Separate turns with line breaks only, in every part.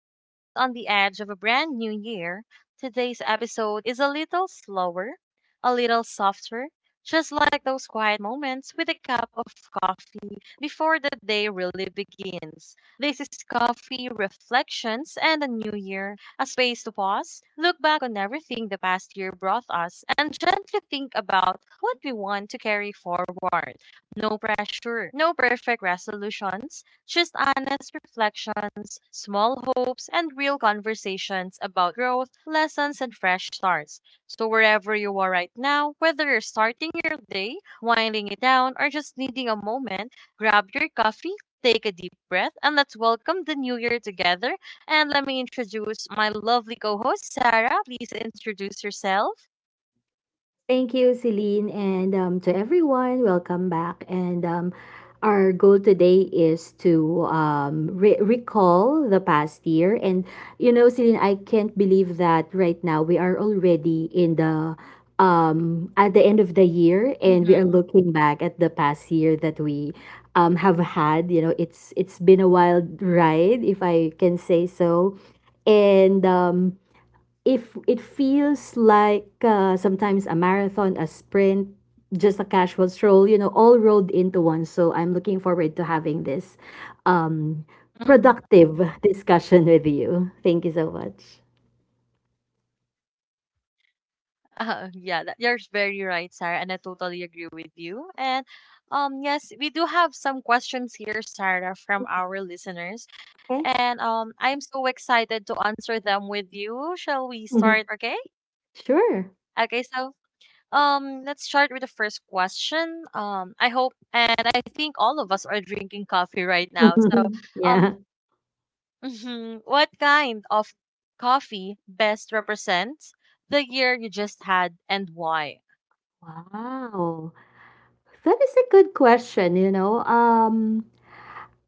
As we sit on the edge of a brand new year, today's episode is a little slower, a little softer, just like those quiet moments with a cup of coffee before the day really begins. This is Coffee Reflections and a New Year, a space to pause, look back on everything the past year brought us, and gently think about what we want to carry forward. No pressure, no perfect resolutions, just honest reflections, small hopes, and real conversations about growth, lessons, and fresh starts. So, wherever you are right now, whether you're starting your day, winding it down, or just needing a moment, grab your coffee. Take a deep breath and let's welcome the new year together, and let me introduce my lovely co host, Sarah. Please introduce yourself.
Thank you, Celine, and to everyone, welcome back. And Our goal today is to recall the past year. And you know, Celine, I can't believe that right now we are already in the at the end of the year, and we are
Mm-hmm.
looking back at the past year that we have had. You know, it's been a wild ride, if I can say so and if it feels like sometimes a marathon, a sprint, just a casual stroll, you know, all rolled into one. So I'm looking forward to having this um, productive
Mm-hmm.
discussion with you. Thank you so much.
Yeah, you're very right, Sarah, and I totally agree with you. And yes, we do have some questions here, Sarah, from our listeners,
Okay.
and I'm so excited to answer them with you. Shall we start?
Mhm.
Okay.
Sure.
Okay. So let's start with the first question. I hope and I think all of us are drinking coffee right now. So um,
Yeah.
what kind of coffee best represents the year you just had and why?
Wow. That is a good question, you know.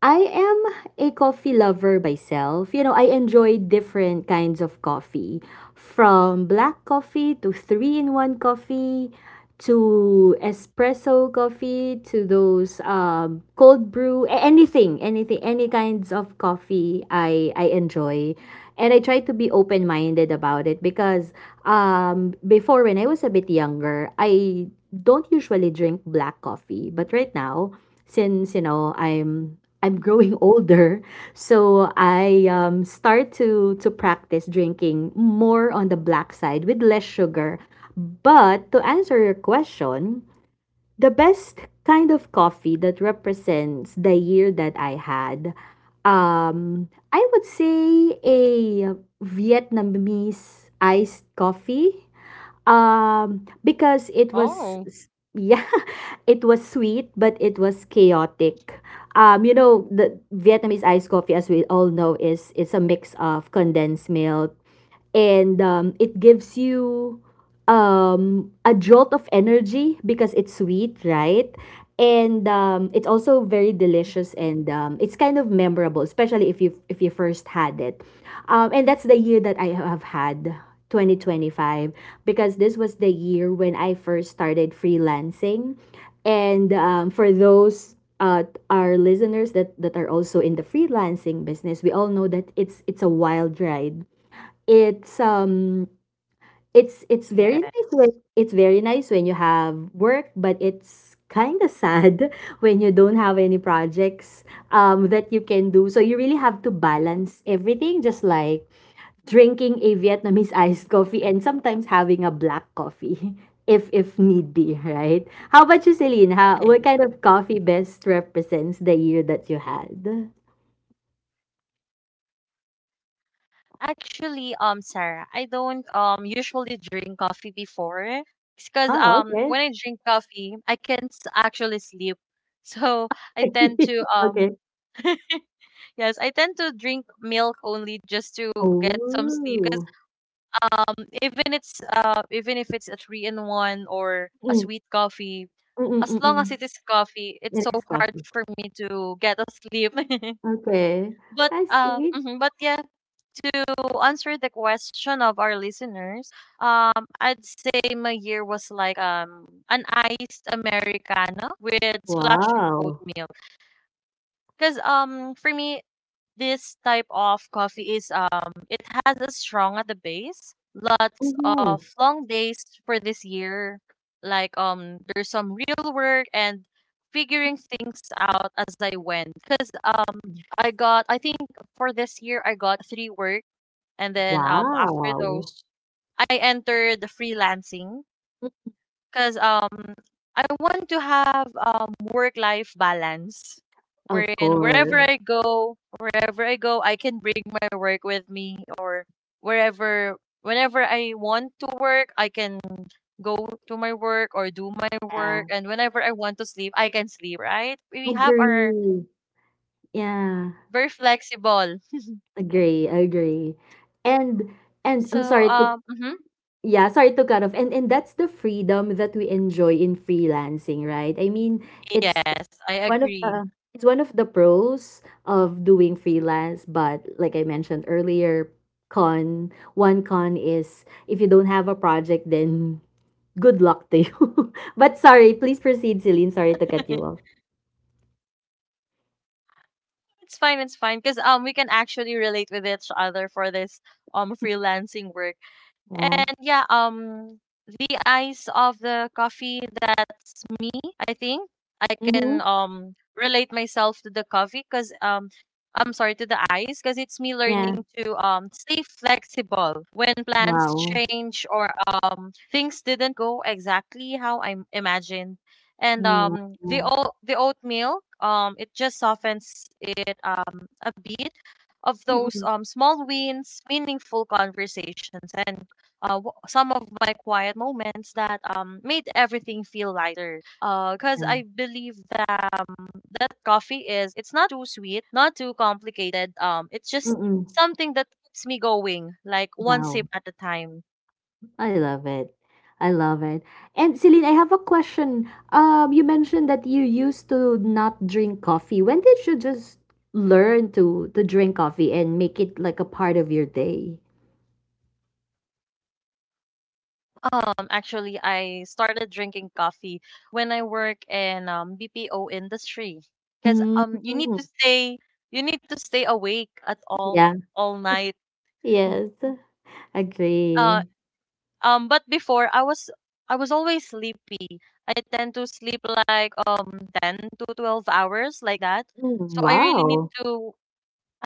I am a coffee lover myself. You know, I enjoy different kinds of coffee, from black coffee to three-in-one coffee to espresso coffee to those cold brew, any kinds of coffee I enjoy. And I try to be open-minded about it because before when I was a bit younger, I don't usually drink black coffee, but right now since you know I'm growing older, so I start to practice drinking more on the black side with less sugar. But to answer your question, the best kind of coffee that represents the year that I had, I would say a Vietnamese iced coffee because it was
Oh.
s- yeah, it was sweet, but it was chaotic. You know, the Vietnamese iced coffee, as we all know, is it's a mix of condensed milk, and it gives you a jolt of energy because it's sweet, right? And It's also very delicious
Mhm.
and it's kind of memorable, especially if you first had it. And that's the year that I have had, 2025, because this was the year when I first started freelancing. And for those our listeners that are also in the freelancing business, we all know that it's a wild ride. it's um it's it's very nice
Yes.
when you have work, but it's kind of sad when you don't have any projects that you can do, so you really have to balance everything, just like drinking a Vietnamese iced coffee and sometimes having a black coffee if need be, right? How about you, Celine? What kind
Nice.
of coffee best represents the year that you had?
Actually, Sarah, I don't usually drink coffee before because
Oh, okay.
when I drink coffee, I can't actually sleep. So I tend to
Okay.
yes, I tend to drink milk only just to get some sleep,
Oh.
um even if it's a three in one or a sweet coffee.
Mm,
As long as
mm.
it is coffee, it's so hard
Na-discover.
for me to get asleep.
Okay,
but
I
uh
see.
mhm, but yeah, to answer the question of our listeners, I'd say my year was like an iced americano with splash of
Wow.
oatmeal, because for me this type of coffee is it has a strong at the base. Lots
Mhm.
of long days for this year. Like there's some real work and figuring things out as I went. Cause I think for this year I got three work, and then after
Wow.
those I entered the freelancing
Mm,
because I want to have work-life balance,
of
wherein
course,
wherever I go, I can bring my work with me, or wherever, whenever I want to work, I can go to my work or do my
yeah.
work, and whenever I want to sleep, I can sleep. Right? We have our
Agree. Yeah,
very flexible.
agree, agree. And and I'm
So
sorry to Yeah, sorry to cut off. And that's the freedom that we enjoy in freelancing, right? I mean, it's
yes, I
one of
agree.
the it's one of the pros of doing freelance, but like I mentioned earlier, con one con is if you don't have a project, then good luck to you. But sorry, please proceed, Celine. Sorry to cut you off.
It's fine. It's fine because we can actually relate with each other for this freelancing work.
Yeah.
And yeah, the ice of the coffee, that's me, I think. I
Mm-hmm.
can relate myself to the coffee because I'm sorry to the ice because it's me
Yeah.
learning to stay flexible when plans
Wow.
change or things didn't go exactly how I imagined. And
Yeah.
the oat milk it just softens it a bit of those
Mm-mm.
small wins, meaningful conversations and some of my quiet moments that made everything feel lighter. Cause
Yeah.
I believe that that coffee is it's not too sweet, not too complicated. It's just
Mm-mm.
something that keeps me going, like one sip
Wow.
at a time.
I love it. I love it. And Celine, I have a question. You mentioned that you used to not drink coffee. When did you just learn to drink coffee and make it like a part of your day?
Actually, I started drinking coffee when I work in BPO industry, cause
Mm.
you need to stay awake at
Yeah.
all night.
Yes.
Uh,
Agree.
But before I was always sleepy. I tend to sleep like 10 to 12 hours like that.
Mm.
So
Wow.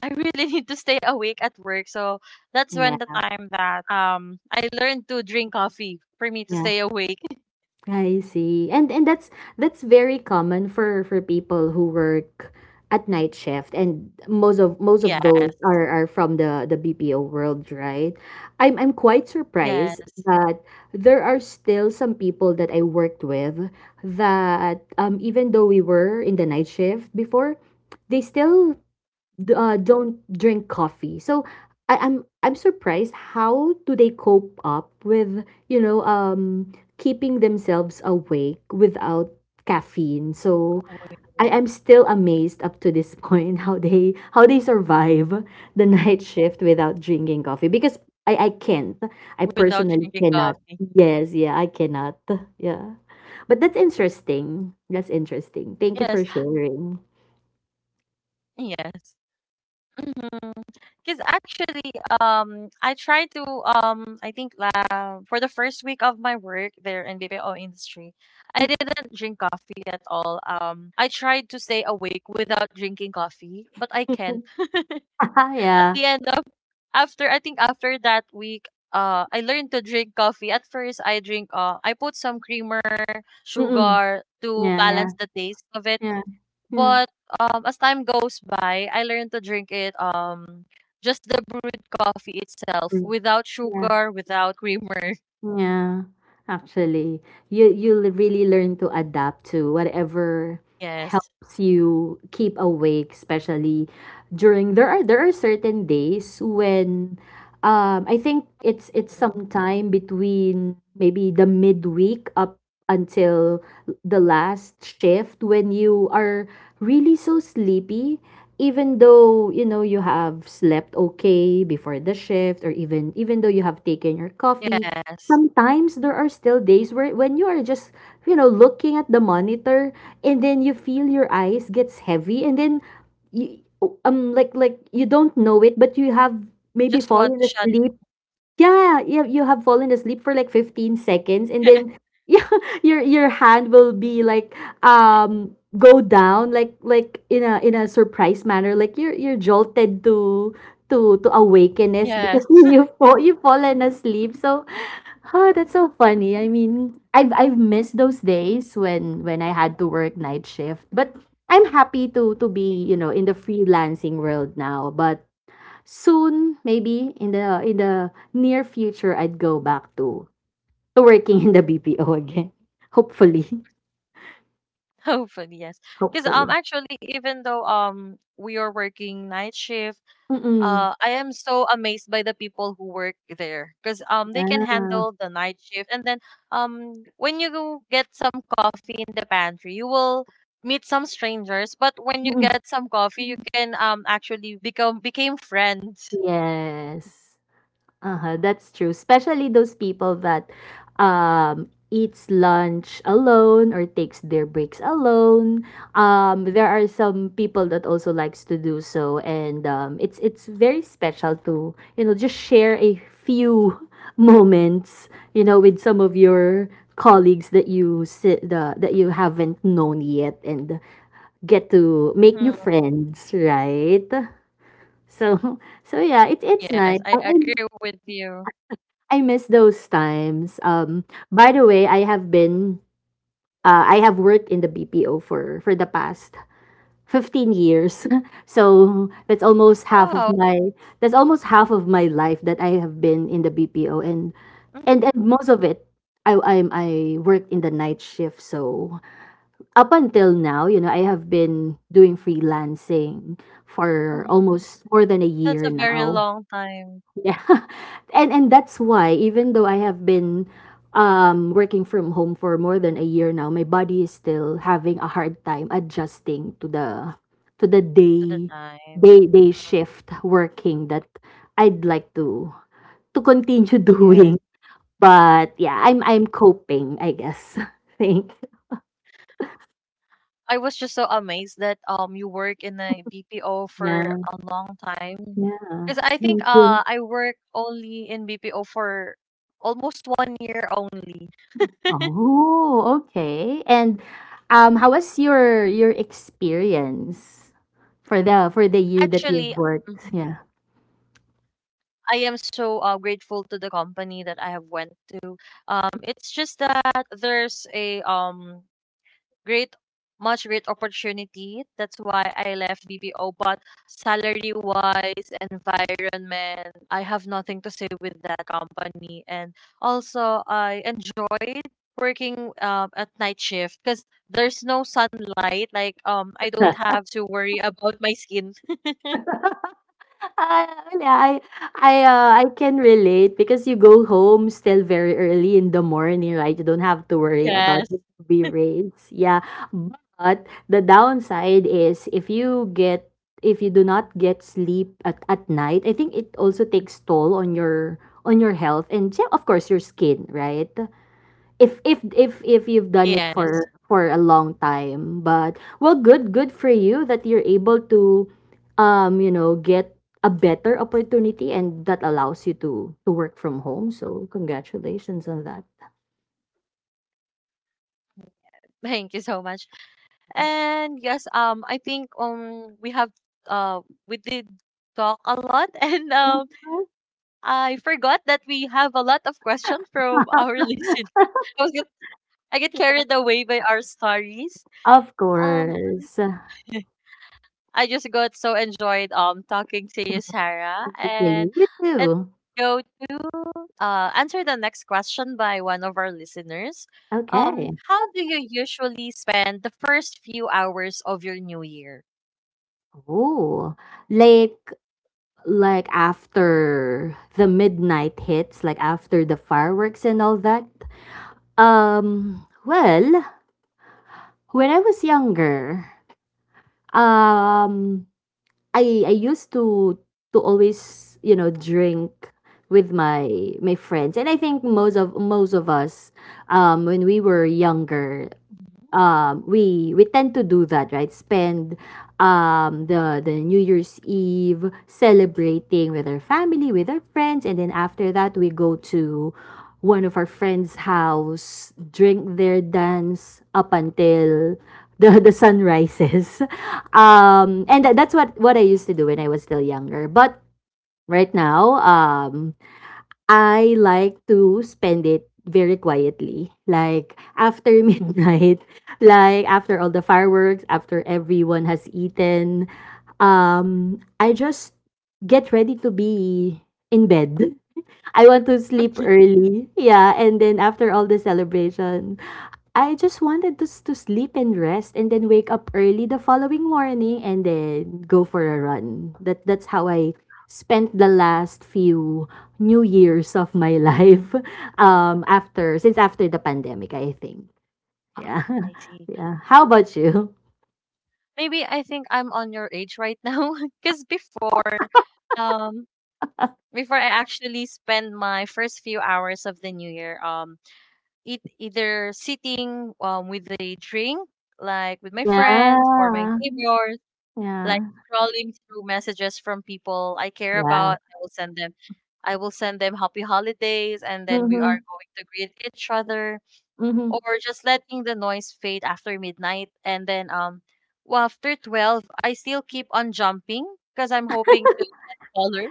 I really need to stay awake at work. So that's when the
Yeah.
time that I learned to drink coffee for me to
Yeah.
stay awake.
I see. And that's very common for people who work at night shift, and most of those
Yes.
are from the BPO world, right? I'm quite surprised
Yes.
that there are still some people that I worked with that even though we were in the night shift before, they still don't drink coffee. So I'm surprised how do they cope up with, you know, keeping themselves awake without caffeine. So
Awake.
I am still amazed up to this point how they survive the
Mm.
night shift without drinking coffee, because I can't. I
Without
personally
drinking
cannot.
coffee.
Yes, yeah, I cannot. Yeah. But that's interesting. That's interesting. Thank you for
Yes.
sharing.
Yes. Because actually, I tried to, I think for the first week of my work there in BPO industry, I didn't drink coffee at all. I tried to stay awake without drinking coffee, but I can't. At
Yeah.
the end of, After, I think after that week, I learned to drink coffee. At first, I put some creamer,
Mm-mm.
sugar to
Yeah, yeah,
balance the taste of it.
yeah, yeah,
But as time goes by, I learned to drink it just the brewed coffee itself,
mm,
without
yeah.
sugar, without creamer.
Yeah, actually, you'll really learn to adapt to whatever
Yes.
helps you keep awake, especially during, there are certain days when I think it's
Mm.
sometime between maybe the midweek up until the last shift, when you are really so sleepy, even though you know you have slept okay before the shift, or even though you have taken your coffee,
Yes.
sometimes there are still days where when you are just, you know, looking at the monitor, and then you feel your eyes gets heavy, and then you like you don't know it, but you have
I
maybe
just one
fallen
shot.
asleep. Yeah, you have fallen asleep for like 15 seconds, and then yeah, your hand will be like, go down like in a surprise manner, like you're jolted to awakeness because
Yes.
you've fallen asleep. So, oh, that's so funny. I mean, I've missed those days when I had to work night shift, but I'm happy to be, you know, in the freelancing world now. But soon, maybe in the near future, I'd go back to working in the BPO again. Hopefully,
Hopefully, yes. Because
hopefully.
actually even though we are working night shift,
Mm,
I am so amazed by the people who work there because they can
yeah.
handle the night shift. And then when you go get some coffee in the pantry, you will meet some strangers, but when you
Mm,
get some coffee you can actually become became friends.
yes. Uh-huh, that's true. Especially those people that eats lunch alone or takes their breaks alone. There are some people that also likes to do so, and it's very special to, you know, just share a few moments, you know, with some of your colleagues that you haven't known yet, and get to make new
Hmm.
friends, right? So so yeah, it's
Yes,
nice.
I agree with you.
I miss those times. By the way, I have worked in the BPO for the past 15 years. So that's almost half of
Wow.
my, that's almost half of my life that I have been in the BPO, and
Mhm,
most of it, I worked in the night shift. So up until now, you know, I have been doing freelancing for
mhm.
almost more than a
That's
year
a very
now.
long time
Yeah. And that's why even though I have been working from home for more than a year now, my body is still having a hard time adjusting to the
to the time.
day shift working that I'd like to continue
Yes.
doing. But yeah,
Mhm.
I'm coping, I guess. Thank.
I was just so amazed that you work in a BPO for
Yeah.
a long time.
Yeah.
Because I think
Thank you.
I work only in BPO for almost one year only.
Oh, okay. And how was your experience for the year that you've
Actually, Mhm.
worked? Yeah.
I am so grateful to the company that I have went to. It's just that there's a great much great opportunity. That's why I left BPO. But salary wise, environment, I have nothing to say with that company. And also, I enjoyed working at night shift because there's no sunlight. Like I don't have to worry about my skin.
Ah, wala. I can relate because you go home still very early in the morning, right? You don't have to worry about
Yes,
the UV rays. Yeah. But the downside is if you do not get sleep at night, I think it also takes toll on your health and, yeah, of course your skin, right? If you've done it
yes.
for a long time, but well, good good for you that you're able to you know, get a better opportunity, and that allows you to work from home, so congratulations on that.
Thank you so much. And yes, I think uh, we did talk a lot and
Mhm.
I forgot that we have a lot of questions from our listeners. I was get, I get carried away by our stories.
Of
Um,
course.
I just got so enjoyed talking to you, Sarah. And
Really? You
let's
too.
go to answer the next question by one of our listeners.
Okay.
How do you usually spend the first few hours of your new year?
Oh, like after the midnight hits, like after the fireworks and all that, um well when I was younger, um, I used to always, you know, drink with my my friends, and I think most of us, when we were younger,
Mhm.
we tend to do that, right? Spend the New Year's Eve celebrating with our family, with our friends, and then after that we go to one of our friends' house, drink their dance up until the the sun rises. And that's what I used to do when I was still younger. But right now, I like to spend it very quietly. Like after midnight, like after all the fireworks, after everyone has eaten, I just get ready to be in bed. I want to sleep early. Yeah, and then after all the celebration, I just wanted to to sleep and rest, and then wake up early the following morning, and then go for a run. That that's how I spent the last few new years of my life after, since after the pandemic, I think.
Ah,
Yeah.
I see.
Yeah, how about you?
Maybe I think I'm on your age right now. Because um, before I actually spend my first few hours of the new year, it, either sitting with a drink, like with my friends or my
Yeah,
neighbors, like
yeah,
scrolling through messages from people I care
yeah,
about. I will send them happy holidays, and then we
mm-hmm.
are going to greet each other,
Mm-hmm.
or just letting the noise fade after midnight, and then well, after 12, I still keep on jumping because I'm hoping to get taller.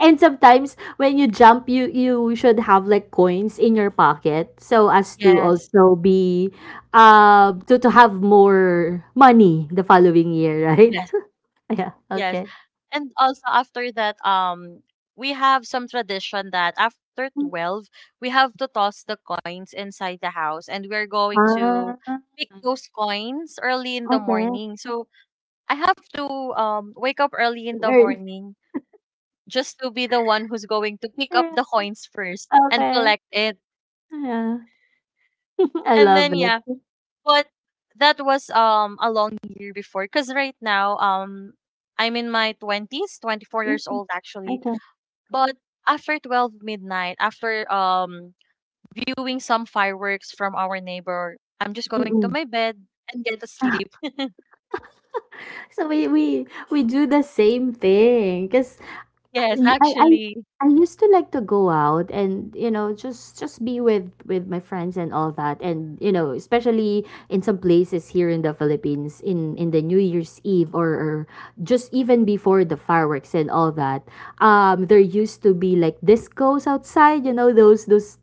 And sometimes when you jump, you should have like coins in your pocket so as to
Yes.
also be to have more money the following year, right?
Yes.
Yeah,
Yes.
okay.
And also after that, we have some tradition that after 12, we have to toss the coins inside the house, and we're going to
Ah,
pick those coins early in the
okay.
morning. So I have to wake up early in
Good
the
earth.
morning, just to be the one who's going to pick up
Yeah,
the coins first and
okay.
collect it.
Yeah. I
And
love
then yeah,
it.
but that was a long year before, because right now I'm in my 20s, 24 years
Okay,
old actually.
okay,
But after 12 midnight, after viewing some fireworks from our neighbor, I'm just going to
mm-mm.
my bed and get to sleep.
So we do the same thing because
Yes,
I, I
actually.
I used to like to go out and just be with my friends and all that. And especially in some places here in the Philippines, in the New Year's Eve, or just even before the fireworks and all that. There used to be like discos outside, those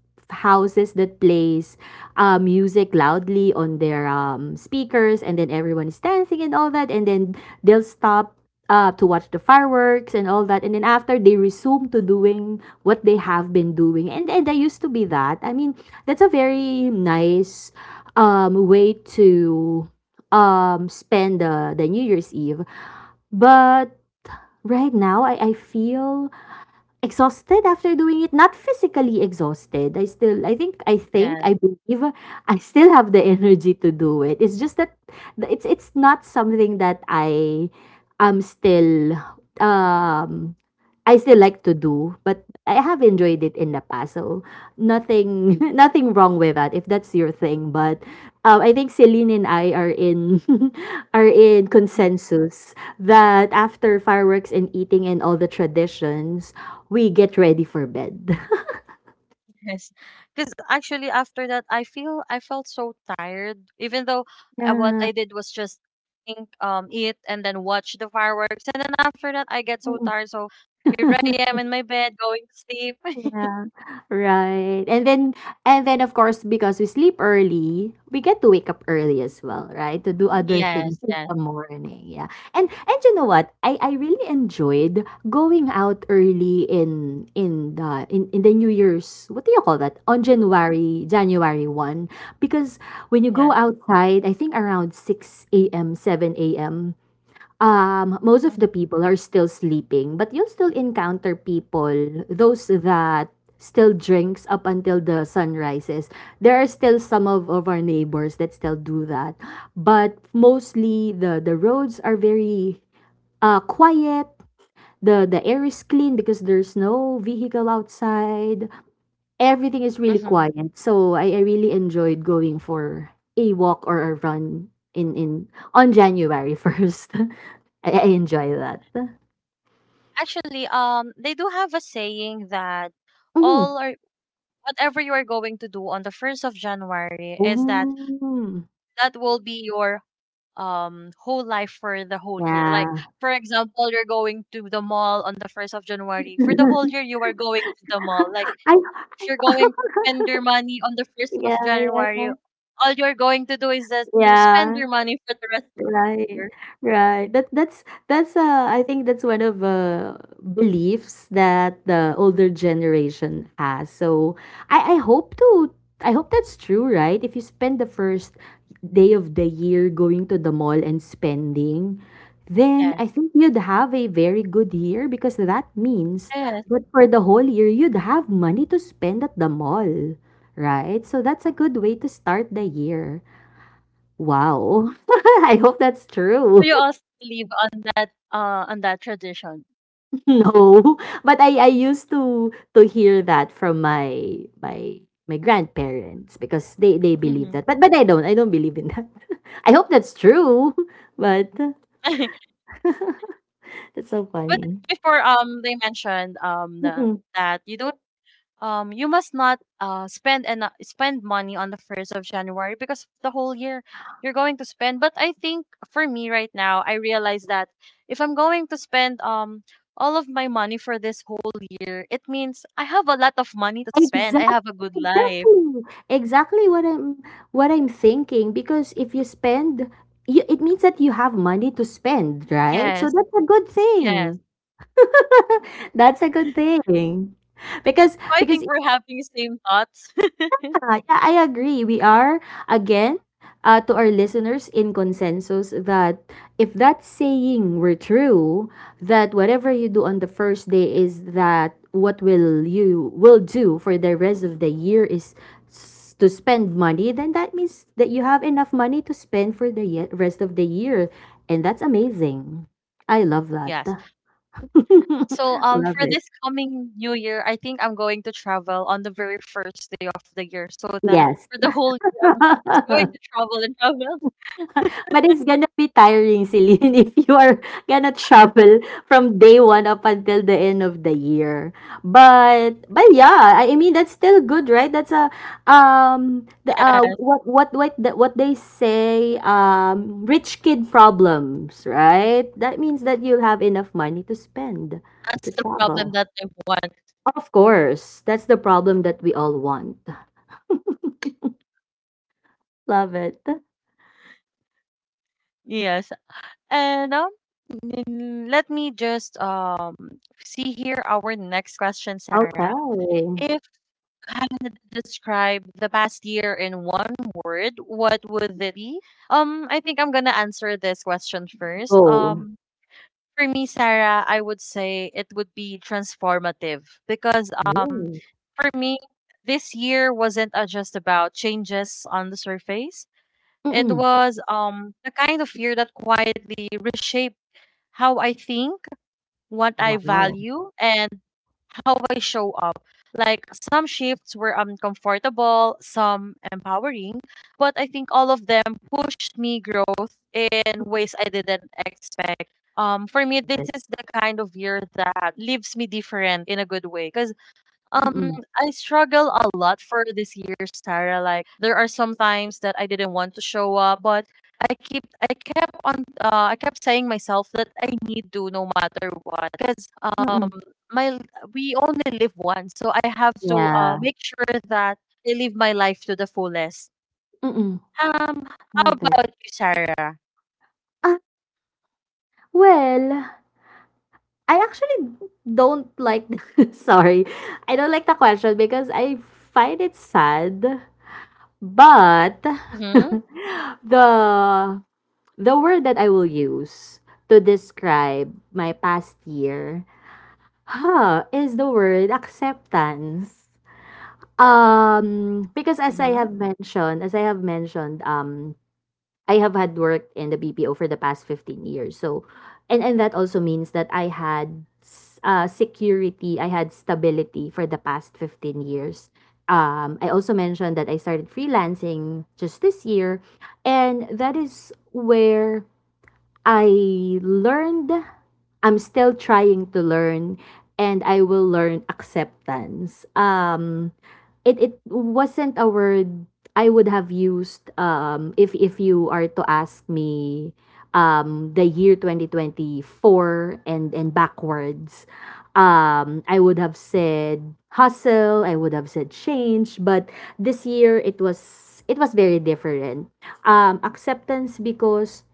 houses that plays music loudly on their speakers, and then everyone is dancing and all that, and then they'll stop to watch the fireworks and all that, and then after they resume to doing what they have been doing. And I used to be that. I mean, that's a very nice way to spend the New Year's Eve, but right now I feel exhausted after doing it, not physically exhausted.
Yes.
I believe I still have the energy to do it. It's just that it's not something that I am still, um I still like to do, but I have enjoyed it in the past. So nothing, nothing wrong with that if that's your thing. But I think Celine and I are in are in consensus that after fireworks and eating and all the traditions, we get ready for bed.
Yes. Cuz actually after that, I felt so tired even though, what
Yeah.
I did was just think eat and then watch the fireworks, and then after that I get so tired, so here I am in my bed going to sleep.
Yeah, right. And then of course, because we sleep early, we get to wake up early as well, right? To do other things
Yes,
in
yes,
the morning. Yeah. And you know what? I really enjoyed going out early in the New Year's. What do you call that? On January January 1st, because when you go
yes.
outside, I think around 6 a.m., 7 a.m. Most of
Mhm,
the people are still sleeping, but you'll still encounter people, those that still drinks up until the sun rises. There are still some of our neighbors that still do that. But mostly the roads are very quiet. The air is clean because there's no vehicle outside. Everything is really
mhm.
quiet. So I really enjoyed going for a walk or a run in on January 1st. I enjoy that.
Actually, they do have a saying that
Mhm.
all or whatever you are going to do on the first of January is that
Mm.
that will be your whole life for the whole year. Like
Yeah.
for example, you're going to the mall on the first of January. For the whole year, you are going to the mall. Like if you're
I
going to spend your money on the first of
yeah, yeah,
January,
yeah.
all you're going to do is just to spend
Yeah.
your money for the rest of the
Right,
year.
right. That's I think that's one of beliefs that the older generation has. So I I hope to I hope that's true, right? If you spend the first day of the year going to the mall and spending, then
Yes,
I think you'd have a very good year, because that means
yes.
that for the whole year you'd have money to spend at the mall, right? So that's a good way to start the year. Wow. I hope that's true.
So you also believe on that tradition.
No, but I used to hear that from my grandparents because they believe
Mm-hmm.
that. But I don't. I don't believe in that. I hope that's true. But that's so
But
funny.
before they mentioned
Mm-mm.
that you don't you must not spend money on the first of January, because the whole year you're going to spend. But I think for me right now, I realize that if I'm going to spend all of my money for this whole year, it means I have a lot of money to spend. I
Exactly.
have a good life.
Exactly. Exactly what I'm thinking, because if you spend you, it means that you have money to spend, right? So
Yes,
that's a good
yes.
thing. That's a good thing. Because
So I think
because
we're having the same thoughts.
yeah, yeah, I agree. We are again, to our listeners, in consensus that if that saying were true, that whatever you do on the first day is that what will do for the rest of the year is to spend money, then that means that you have enough money to spend for the rest of the year, and that's amazing. I love that.
Yes. So um
Love
for
it.
this coming new year, I think I'm going to travel on the very first day of the year so that
Yes.
for the whole year I'm just going to travel and travel.
But it's gonna be tiring, Celine, if you are gonna travel from day one up until the end of the year. But yeah, I mean that's still good, right? That's a the
Yes,
what the, what they say rich kid problems, right? That means that you'll have enough money to spend
that's
to
the problem
travel.
that I want.
Of course, that's the problem that we all want. Love it.
Yes. And let me just see here our next question,
Okay.
Sarah. If you had to describe the past year in one word, what would it be? I think I'm gonna answer this question first.
Go.
For me, Sarah, I would say it would be transformative because
Ooh.
for me this year wasn't just about changes on the surface. It
Mm-mm.
was the kind of year that quietly reshaped how I think, what I
Wow,
value, and how I show up. Like some shifts were uncomfortable, some empowering, but I think all of them pushed me growth in ways I didn't expect. For me,
love
this
it.
is the kind of year that leaves me different in a good way because um,
Mm,
I struggle a lot for this year, Sarah. Like there are some times that I didn't want to show up, but I keep I kept on I kept saying myself that I need to no matter what because
mm.
my we only live once, so I have to
Yeah,
make sure that I live my life to the fullest.
mm.
Um, how
Love it.
about you, Sarah?
Ah, well, I actually don't like, sorry. I don't like the question because I find it sad, but
Mm-hmm.
the the word that I will use to describe my past year, huh, is the word acceptance. Because
Mm-hmm.
as I have mentioned, I have had worked in the BPO for the past 15 years. So, and that also means that I had security, I had stability for the past 15 years. I also mentioned that I started freelancing just this year, and that is where I learned, I'm still trying to learn, and I will learn acceptance. It wasn't a word I would have used, if you are to ask me, the year 2024 and, backwards. I would have said hustle, I would have said change, but this year it was, it was very different. Acceptance because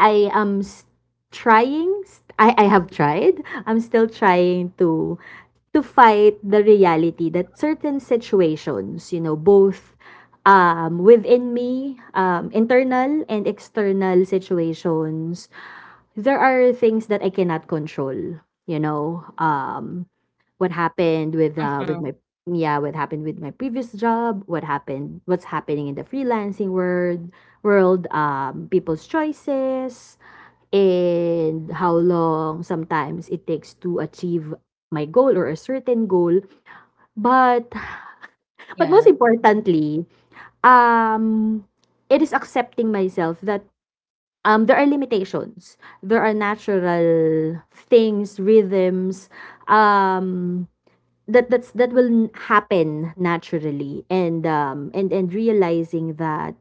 I am s- trying st- I have tried. I'm still trying to fight the reality that certain situations, you know, both within me, internal and external situations, there are things that I cannot control, you know. What happened with
Mm-hmm.
my yeah, what happened with my previous job, what happened, what's happening in the freelancing world, people's choices, and how long sometimes it takes to achieve my goal or a certain goal. But most
Yes.
importantly, um, it is accepting myself that, there are limitations. There are natural things, rhythms, um, that that will happen naturally, and realizing that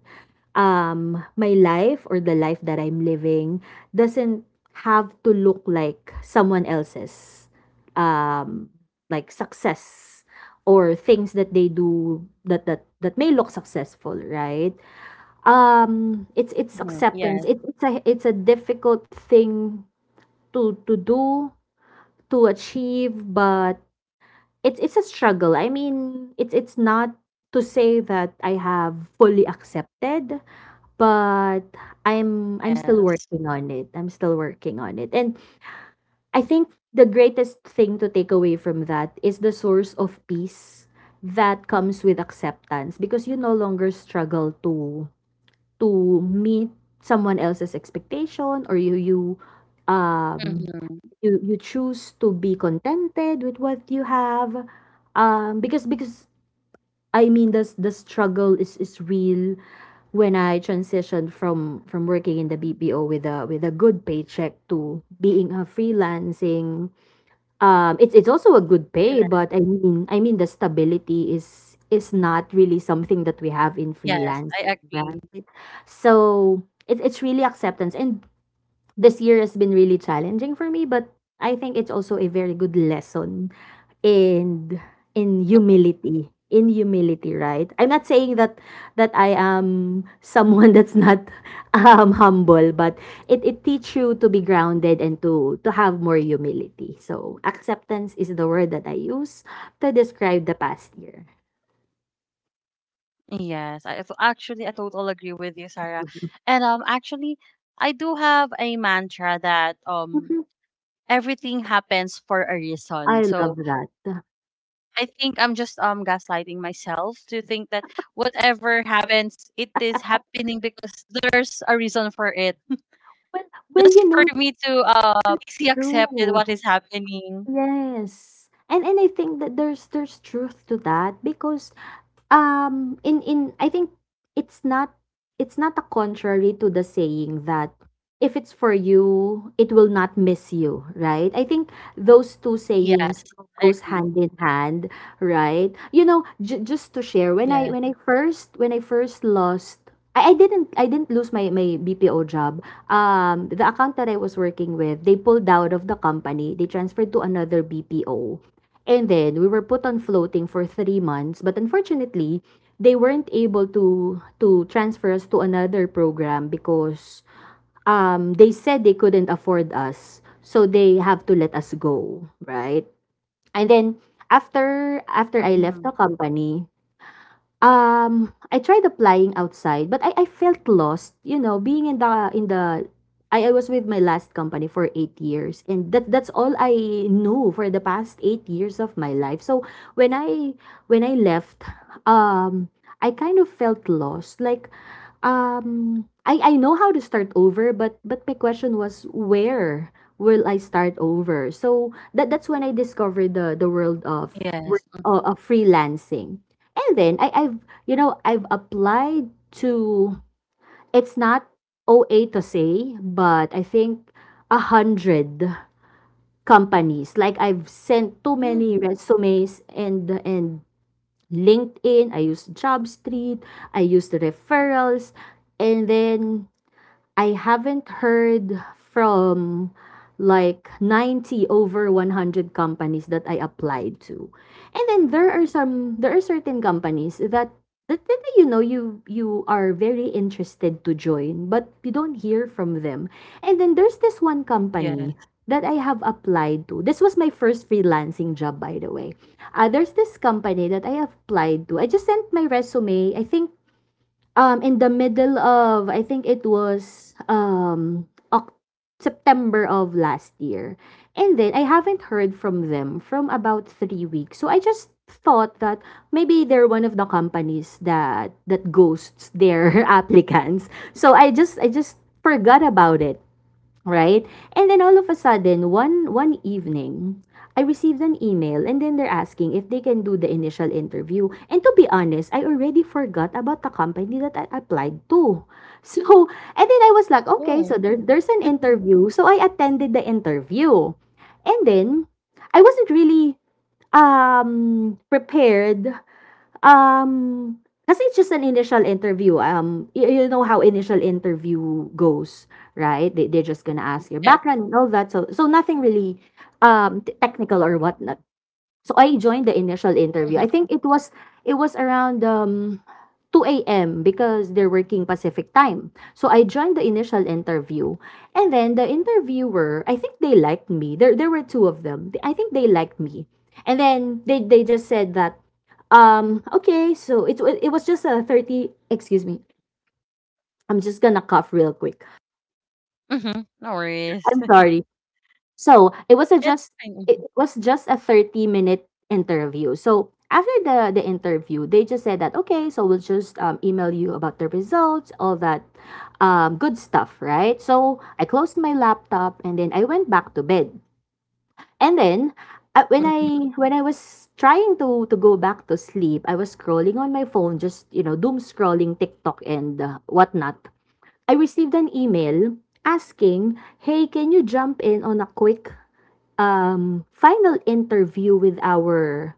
my life or the life that I'm living doesn't have to look like someone else's, um like success or things that they do that may look successful, right? It's
Mm-hmm.
acceptance.
Yes.
It's a, it's a difficult thing to do, to achieve, but it's a struggle. I mean, it's not to say that I have fully accepted, but I'm still
Yes.
working on it. I'm still working on it. And I think the greatest thing to take away from that is the source of peace that comes with acceptance, because you no longer struggle to meet someone else's expectation, or you, um
Mm-hmm.
you choose to be contented with what you have, because, I mean, the struggle is real. When I transitioned from working in the BPO with a, with a good paycheck to being a freelancing, it's also a good pay, but I mean, I mean, the stability is not really something that we have in
Yes. I
freelancing,
agree.
right? So it's really acceptance. And this year has been really challenging for me, but I think it's also a very good lesson in humility. In humility, right? I'm not saying that I am someone that's not, humble, but it teach you to be grounded and to have more humility. So acceptance is the word that I use to describe the past year.
Yes, actually I totally agree with you, Sarah. And actually I do have a mantra that
Mhm.
everything happens for a reason.
I love
So
that.
I think I'm just gaslighting myself to think that whatever happens, it is happening because there's a reason for it.
Well,
Just
you
for
know,
me to
it's
easily accept it,
true.
what is happening.
Yes, and I think that there's truth to that because, in I think it's not, it's not a contrary to the saying that, if it's for you, it will not miss you, right? I think those two sayings
Yes, I
goes
agree.
hand in hand, right? You know, just to share,
Yes.
when I first when I first lost, I didn't, lose my, my BPO job. The account that I was working with, they pulled out of the company, they transferred to another BPO, and then we were put on floating for 3 months. But unfortunately, they weren't able to transfer us to another program because they said they couldn't afford us, so they have to let us go, right? And then after, I left
Hmm.
the company, I tried applying outside, but I felt lost, you know, being in the, I was with my last company for 8 years, and that that's all I knew for the past 8 years of my life. So when I, left, um I kind of felt lost. Like, I know how to start over, but my question was, where will I start over? So that that's when I discovered the world of
Yes.
freelancing. And then I've, I've applied to, it's not OA to say, but I think 100 companies. Like, I've sent too
Hmm.
many resumes and, LinkedIn. I use JobStreet. I use the referrals, and then I haven't heard from like 90 over 100 companies that I applied to. And then there are certain companies that you know you are very interested to join but you don't hear from them. And then there's this one company
Yes.
that I have applied to. This was my first freelancing job by the way. There's this company that I have applied to. I just sent my resume. I think in the middle of I think it was Oc- September of last year. And then I haven't heard from them from about 3 weeks. So I just thought that maybe they're one of the companies that ghosts their applicants. So I just forgot about it, right? And then all of a sudden, one evening, I received an email and then they're asking if they can do the initial interview. And to be honest, I already forgot about the company that I applied to. So, and then I was like, okay,
Oh.
so there's an interview. So I attended the interview. And then I wasn't really prepared. Um, Kasi it's just an initial interview, you know how initial interview goes, right? They're just gonna ask your
Yes.
background and all that. So so nothing really, t technical or what. So I joined the initial interview. I
Mm-hmm.
think it was around 2 a.m. because they're working Pacific time. So I joined the initial interview. And then the interviewer, I think they liked me. There were two of them. I think they liked me. And then they just said that okay, so it was just a 30, excuse me. I'm just gonna cough real quick.
Mm-hmm. No worries.
I'm sorry. So
It's fine.
it
Mhm,
was just a 30-minute minute interview. So after the interview, they just said that okay, so we'll just email you about the results, all that good stuff, right? So I closed my laptop and then I went back to bed. And then when
mhm,
I was trying to go back to sleep, I was scrolling on my phone, just you know, doom scrolling TikTok and whatnot. I received an email asking, "Hey, can you jump in on a quick final interview with our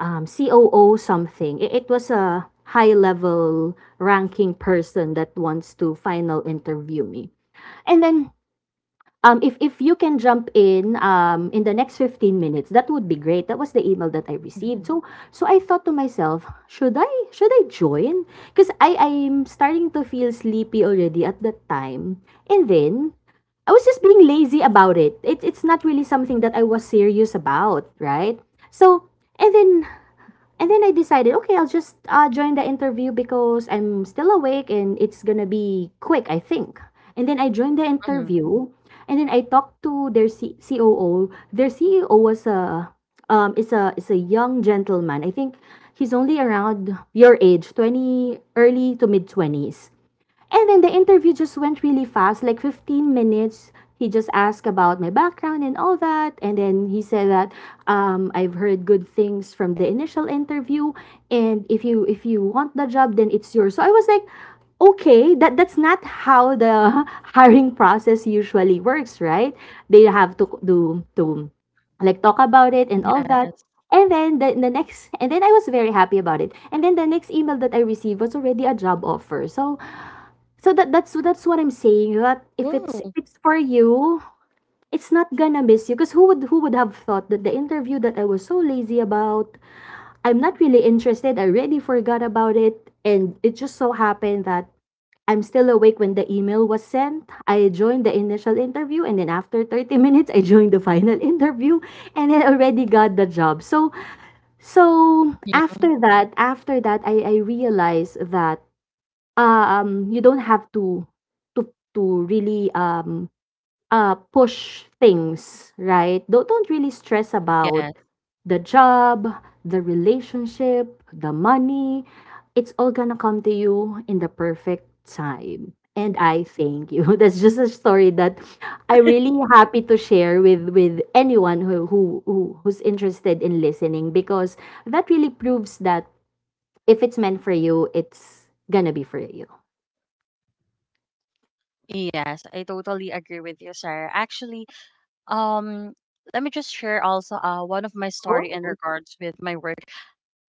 COO something." It was a high level ranking person that wants to final interview me. And then if you can jump in the next 15 minutes, that would be great. That was the email that I received.
mhm,
So so I thought to myself, should I join? Because I I'm starting to feel sleepy already at that time. And then I was just being lazy about it. It's not really something that I was serious about, right? So and then and then I decided, okay, I'll just join the interview because I'm still awake and it's gonna be quick, I think. And then I joined the
mhm.
interview, and then I talked to their COO. Their CEO was a is a young gentleman. I think he's only around your age, 20, early to mid twenties. And then the interview just went really fast, like 15 minutes. He just asked about my background and all that. And then he said that I've heard good things from the initial interview. And if you want the job, then it's yours. So I was like, okay, that's not how the hiring process usually works, right? They have to do to like talk about it and all that.
Yes.
And then I was very happy about it. And then the next email that I received was already a job offer. So so that's what I'm saying. That if
Wow.
it's for you, it's not gonna miss you. Cause who would have thought that the interview that I was so lazy about, I'm not really interested. I already forgot about it, and it just so happened that I'm still awake when the email was sent. I joined the initial interview, and then after 30 minutes, I joined the final interview, and I already got the job. So so
Mhm.
after that, I realized that you don't have to to really, push things, right? Don't really stress about
Yes.
the job, the relationship, the money. It's all gonna come to you in the perfect time. And I thank you. That's just a story that I'm really happy to share with anyone who's interested in listening because that really proves that if it's meant for you, it's gonna be for you.
Yes. I totally agree with you, Sarah. Actually, um, let me just share also one of my story in
Oh,
regards with my work.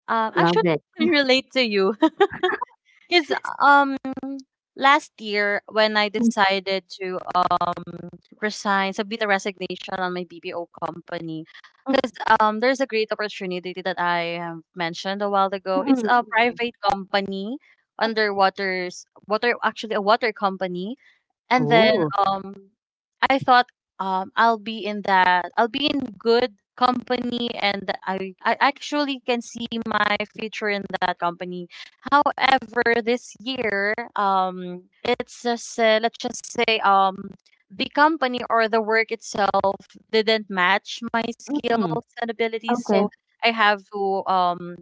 Actually,
love it.
I can relate to you. Because um last year when I
Mm,
decided to resign, submit a resignation on my BPO company,
mm,
because there's a great opportunity that I have mentioned a while
mm,
ago.
mm.
It's
Mm,
a
mm.
private company underwaters water actually a water company, and then
Oh,
um I thought I'll be in good company, and I actually can see my future in that company. However, this year it's just let's just say the company or the work itself didn't match my
mm.
skills and abilities,
Okay,
so I have to um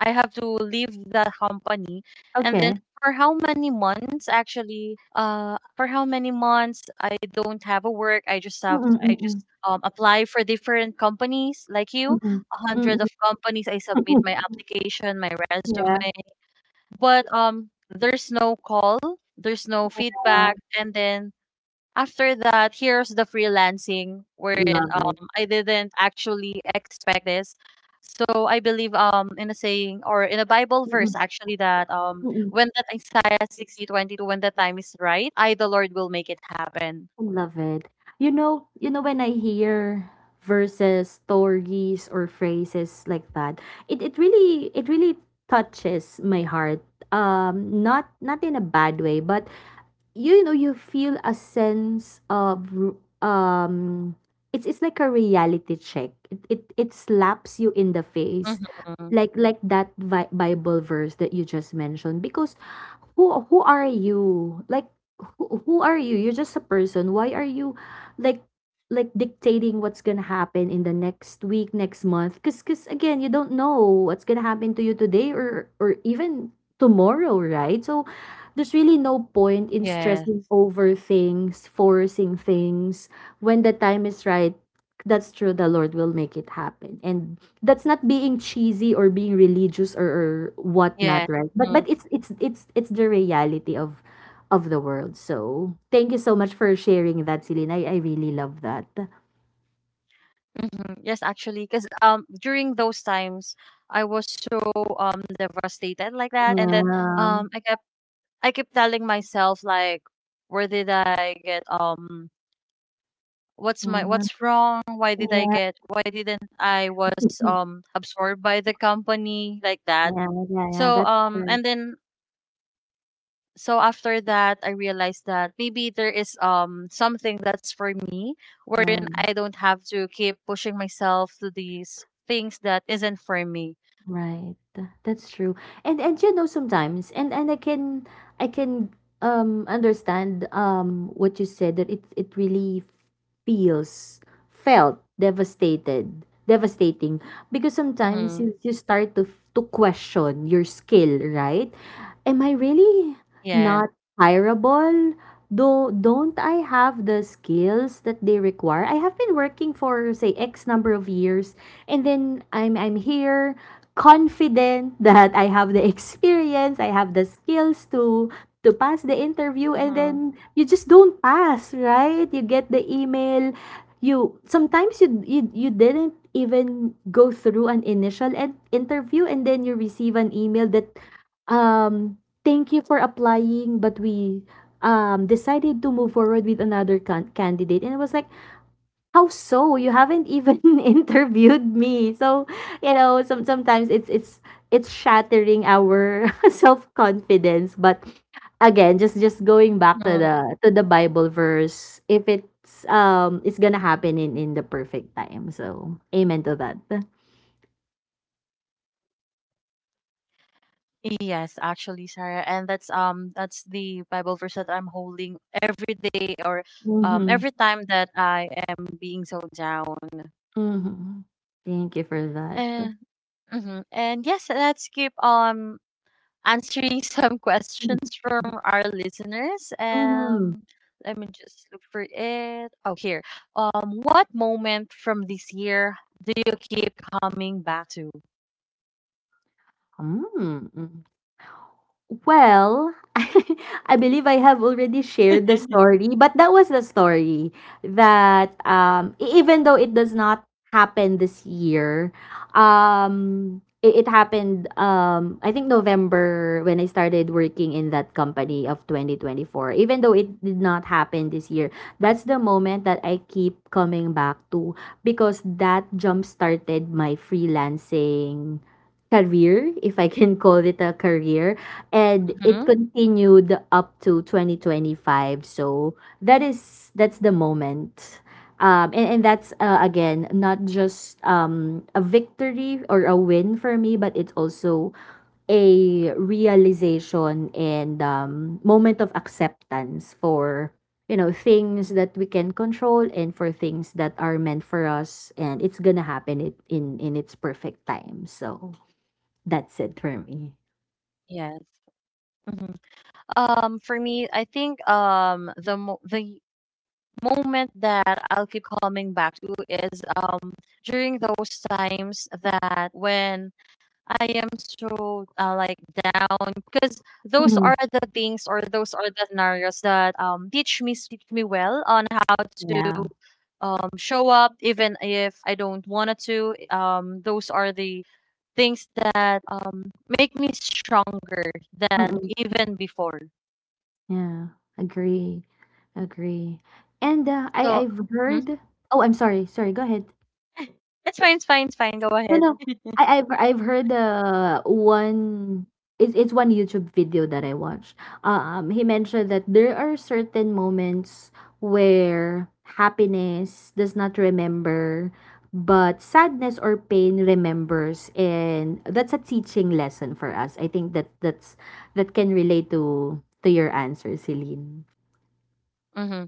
I have to leave that company and then
okay.
for how many months I don't have a work.
Mm,
I
mm, mm,
just apply for different companies like
mm,
you.
mm.
A
Mm, mm,
hundred of
mm,
companies I submit
mm,
my
mm.
application, my
Yeah,
resume. But there's no call, there's no feedback, and then after that, here's the freelancing wherein
love it.
I didn't actually expect this. So I believe in a saying or in a Bible
Mm,
verse
mm,
actually that
mm. Mm.
when that Isaiah 60:22, when the time is right, I the Lord will make it happen.
I love it. You know when I hear verses, stories, or phrases like that, it really it really touches my heart. Not not in a bad way, but you know, you feel a sense of um it's like a reality check. It slaps you in the face.
Mm-hmm.
Like that Bible verse that you just mentioned, because who are you? Like who are you? You're just a person. Why are you like like dictating what's gonna happen in the next week, next month? Cause again, you don't know what's gonna happen to you today or even tomorrow, right? So there's really no point in
Yeah.
stressing over things, forcing things when the time is right. That's true, the Lord will make it happen, and that's not being cheesy or being religious or whatnot,
Yeah.
right? but
Mm-hmm.
but it's the reality of the world. So thank you so much for sharing that, Celine. I really love that.
Hmm. Yes, actually, because during those times I was so devastated like that, and then
Yeah,
um I kept I kept telling myself like, where did I get what's my
yeah,
what's wrong why did I
yeah.
get why didn't i was um absorbed by the company like that.
Yeah, yeah, yeah,
so
that's
um
right.
and then so after that I realized that maybe there is something that's for me wherein
Right.
I don't have to keep pushing myself to these things that isn't for me.
Right. That's true. And you know sometimes and I can I can understand what you said, that it really feels felt devastated devastating, because sometimes
Mm-hmm.
you start to question your skill, right? Am I really
Yeah.
not hireable, though don't I have the skills that they require? I have been working for say X number of years and then I'm here confident that I have the experience, I have the skills to pass the interview and
Mm-hmm.
then you just don't pass, right? You get the email, you you didn't even go through an initial interview and then you receive an email that um "Thank you for applying, but we decided to move forward with another candidate." And I was like, "How so? You haven't even interviewed me." So, you know, sometimes it's shattering our self-confidence, but again, just going back to the Bible verse, if it's it's gonna happen in the perfect time, so amen to that.
Yes, actually, Sarah, and that's the Bible verse that I'm holding every day, or
Mm-hmm.
every time that I am being so down.
Mm-hmm. Thank you for that.
And. Mhm. And yes, let's keep answering some questions from our listeners.
Mm-hmm.
Let me just look for it. Oh, here. What moment from this year do you keep coming back to?
Mm. Mm. Well, I believe I have already shared the story, but that was the story that even though it does not happen this year, it happened I think November when I started working in that company of 2024. Even though it did not happen this year, that's the moment that I keep coming back to because that jump started my freelancing career, if I can call it a career, and it
Hmm.
continued up to 2025. So that is that's the moment. And that's again not just a victory or a win for me, but it's also a realization and moment of acceptance for you know things that we can control and for things that are meant for us, and it's gonna happen it in its perfect time. So that's it for me.
Yes. Mm-hmm. For me, I think the moment that I'll keep coming back to is during those times that when I am so, like down, because those
Mhm.
are the things or those are the scenarios that teach me well on how to
Yeah.
show up even if I don't want to. Those are the things that make me stronger than
Mm.
even before.
Yeah. Agree. Agree. And, I
So.
I've heard, oh, I'm sorry, sorry, go ahead.
It's fine, it's fine, it's fine. Go
No,
ahead.
no. I've heard one, it's one YouTube video that I watched. He mentioned that there are certain moments where happiness does not remember but sadness or pain remembers, and that's a teaching lesson for us. I think that can relate to your answer, Celine.
Mm-hmm.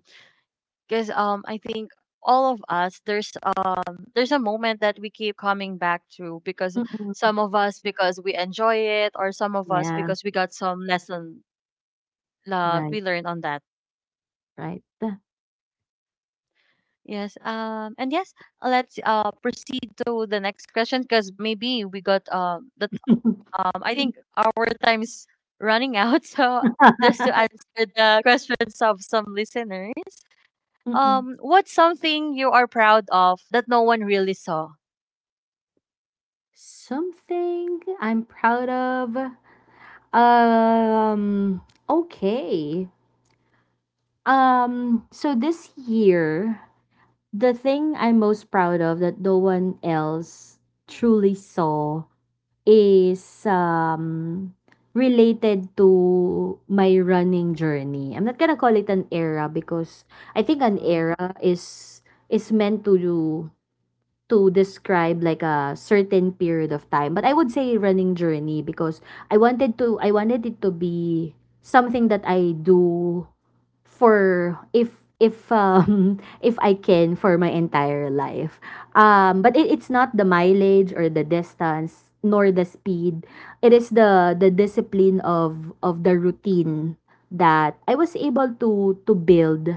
Because I think all of us there's a moment that we keep coming back to, because
Mm-mm.
some of us because we enjoy it, or some of us
Yeah,
because we got some lesson that
right,
we learned on that.
right.
Yes. And yes, let's proceed to the next question, because maybe we got that, I think our time's running out. So just to answer the questions of some listeners.
Mm-mm.
What's something you are proud of that no one really saw?
Something I'm proud of. Um, okay. So this year, the thing I'm most proud of that no one else truly saw is related to my running journey. I'm not going to call it an era because I think an
Mhm.
era is meant to do to describe like a certain period of time, but I would say running journey because I wanted it to be something that I do for if if I can for my entire life. But it's not the mileage or the distance nor the speed. It is the discipline of the routine that I was able to build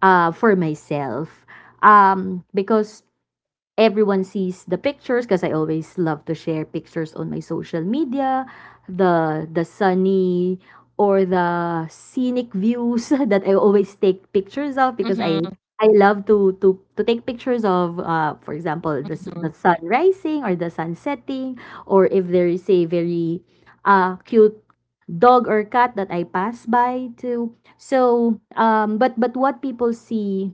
for myself. Because everyone sees the pictures, because I always love to share pictures on my social media, the sunny or the scenic views that I always take pictures of because
Mhm.
I love to take pictures of, for example, the
Mhm.
sun rising or the sun setting, or if there is a very cute dog or cat that I pass by too. So but what people see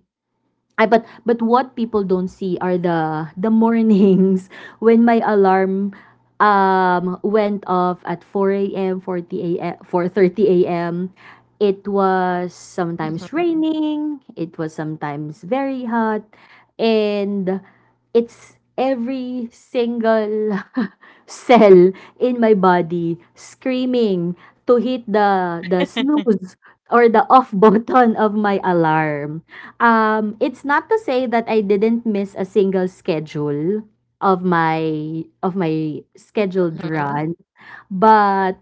I but what people don't see are the mornings when my alarm went off at 4 a.m., four thirty 4:30 a.m. It was sometimes
Mhm.
raining, it was sometimes very hot, and it's every single cell in my body screaming to hit the snooze or the off button of my alarm. It's not to say that I didn't miss a single schedule of my scheduled
Mhm.
run, but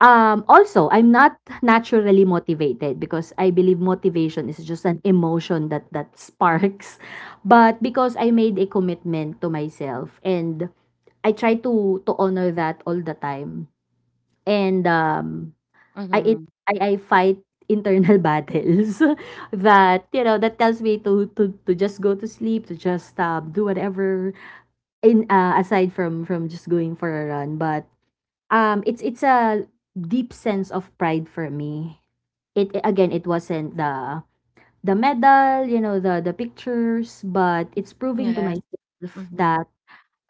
also I'm not naturally motivated because I believe motivation is just an emotion that sparks. But because I made a commitment to myself, and I try to honor that all the time. And I it
Mhm.
I fight internal battles that, that tells me to just go to sleep, to just do whatever in aside from just going for a run. But it's a deep sense of pride for me. It again, it wasn't the medal, you know, the pictures, but it's proving to
Yes.
myself
Mhm.
that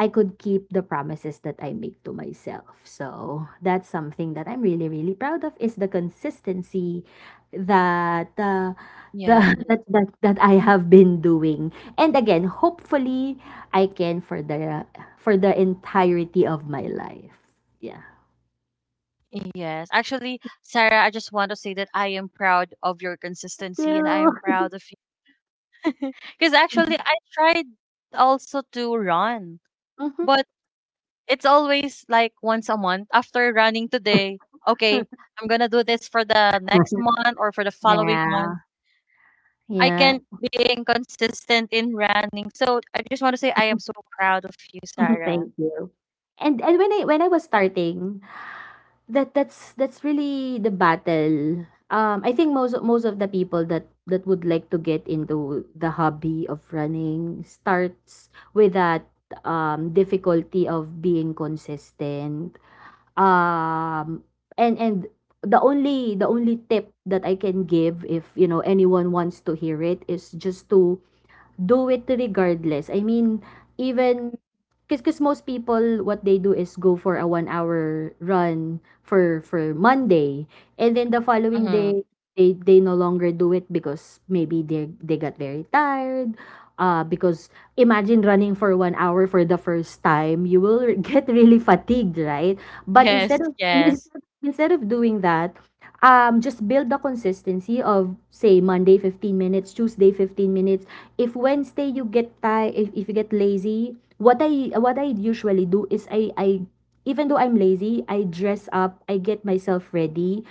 I could keep the promises that I make to myself. So that's something that I'm really, really proud of, is the consistency that the
Yes.
that, that that I have been doing. And again, hopefully I can for the entirety of my life. Yeah.
Yes. Actually, Sarah, I just want to say that I am proud of your consistency, and I am
You.
proud of you. Because actually, I tried also to run,
Mhm.
but it's always like once a month after running today. Okay, I'm gonna do this for the next month or for the following
Yeah.
month. I
Yeah.
can being consistent in running. So I just want to say I am so proud of you, Sarah.
Thank you. And when I was starting, that's really the battle. I think most of the people that would like to get into the hobby of running starts with that difficulty of being consistent. Um, and the only tip that I can give, if anyone wants to hear it, is just to do it regardless. I mean, even, because most people what they do is go for a 1 hour run for Monday, and then the following
Mm-hmm.
day they no longer do it because maybe they got very tired, because imagine running for 1 hour for the first time, you will get really fatigued, right? But
Yes,
instead of
yes,
instead of doing that, just build the consistency of, say, Monday 15 minutes, Tuesday 15 minutes. If Wednesday you get tired, if you get lazy, what I usually do is I even though I'm lazy, I dress up, I get myself ready.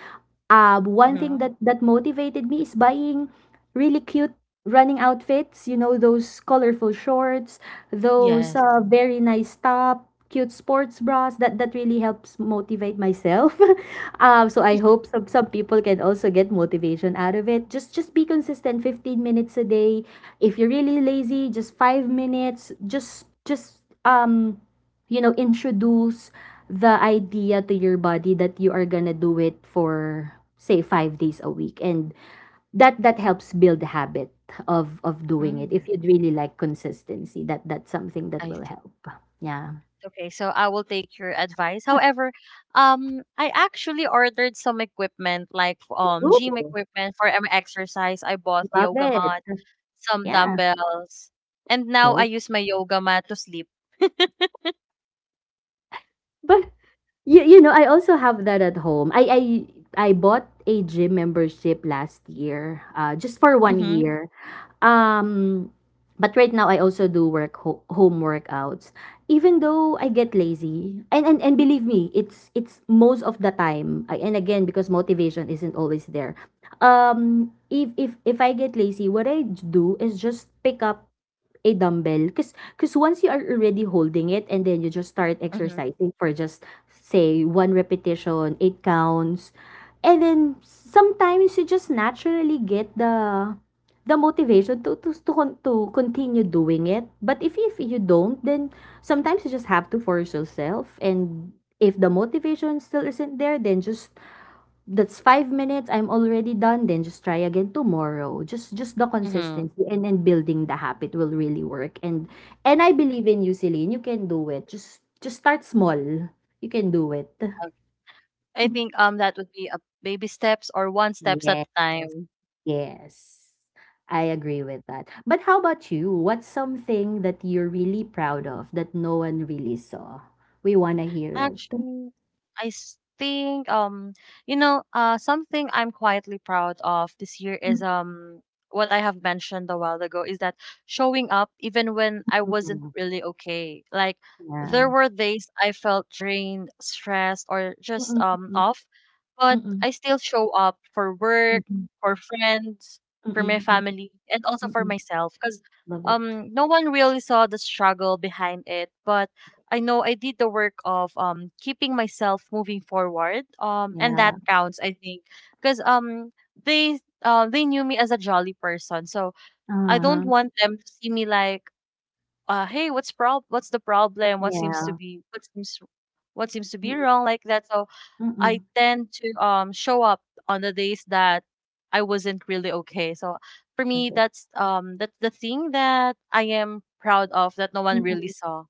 One thing
mm-hmm.
that motivated me is buying really cute running outfits, you know, those colorful shorts, those
Yes.
very nice top, cute sports bras. That really helps motivate myself. So I hope some people can also get motivation out of it. Just be consistent, 15 minutes a day. If you're really lazy, just 5 minutes. Just you know, introduce the idea to your body that you are gonna do it for, say, 5 days a week, and that helps build habit of doing it. If
Mm,
you'd really like consistency, that's something that
I
will
see.
help. Yeah.
Okay, so I will take your advice. However, I actually ordered some equipment like gym
Ooh,
equipment for exercise. I bought
love
yoga
it.
mat, some
Yeah.
dumbbells. And now I
Cool.
use my yoga mat to sleep.
But you know, I also have that at home. I I bought a gym membership last year, just for one
Mm-hmm.
year. Um, but right now I also do home workouts. Even though I get lazy, and believe me, it's most of the time. And again, because motivation isn't always there. If I get lazy, what I do is just pick up a dumbbell, because once you are already holding it and then you just start
Mm-hmm.
exercising for just, say, one repetition, 8 counts, and then sometimes you just naturally get the motivation to continue doing it. But if you don't, then sometimes you just have to force yourself. And if the motivation still isn't there, then just, that's 5 minutes, I'm already done, then just try again tomorrow. Just the
Mm-hmm.
consistency and building the habit will really work. And I believe in you, Celine. You can do it. Just start small. You can do it.
I think that would be a baby steps or one steps
Yes,
at a time.
yes, I agree with that. But how about you? What's something that you're really proud of that no one really saw? We want to hear it.
Actually, think something I'm quietly proud of this year is
Mm,
um what I have mentioned a while ago is that showing up even when I
mm,
wasn't
mm.
really okay. Like
Yeah.
there were days I felt drained, stressed, or just
Mm, mm,
off,
mm,
but
mm,
I still show up for work,
mm,
for friends,
mm,
for my
mm, mm,
family, and also
mm, mm,
for
mm.
myself because
Love it.
um no one really saw the struggle behind it, but I know I did the work of keeping myself moving forward. And
Yeah.
that counts, I think, because they knew me as a jolly person. So I don't
Uh-huh.
want them to see me like, hey, what's the problem?
Yeah.
What seems to be
Mm.
wrong, like that. So I
Mm-mm.
tend to show up on the days that I wasn't really okay. So for me
Love it.
that's the thing that I am proud of that no one really
Mm-mm.
saw.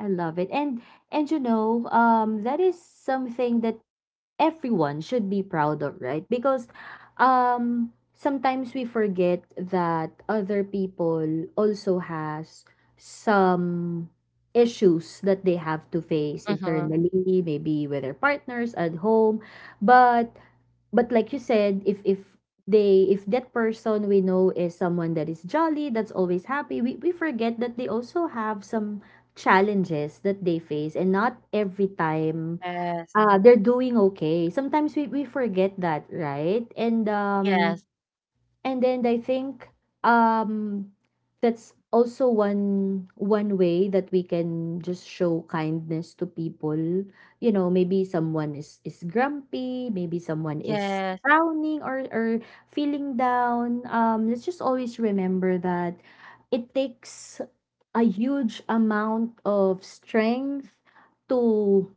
I love it. And you know, that is something that everyone should be proud of, right? Because sometimes we forget that other people also has some issues that they have to face
Mm-hmm.
internally, maybe with their partners at home. But like you said, if that person we know is someone that is jolly, that's always happy, we forget that they also have some challenges that they face, and not every time.
Yes.
Ah, they're doing okay. Sometimes we forget that, right?
Yes.
And then I think um that's also one way that we can just show kindness to people. You know, maybe someone is grumpy, maybe someone is
Yes.
frowning or feeling down. Let's just always remember that it takes a huge amount of strength to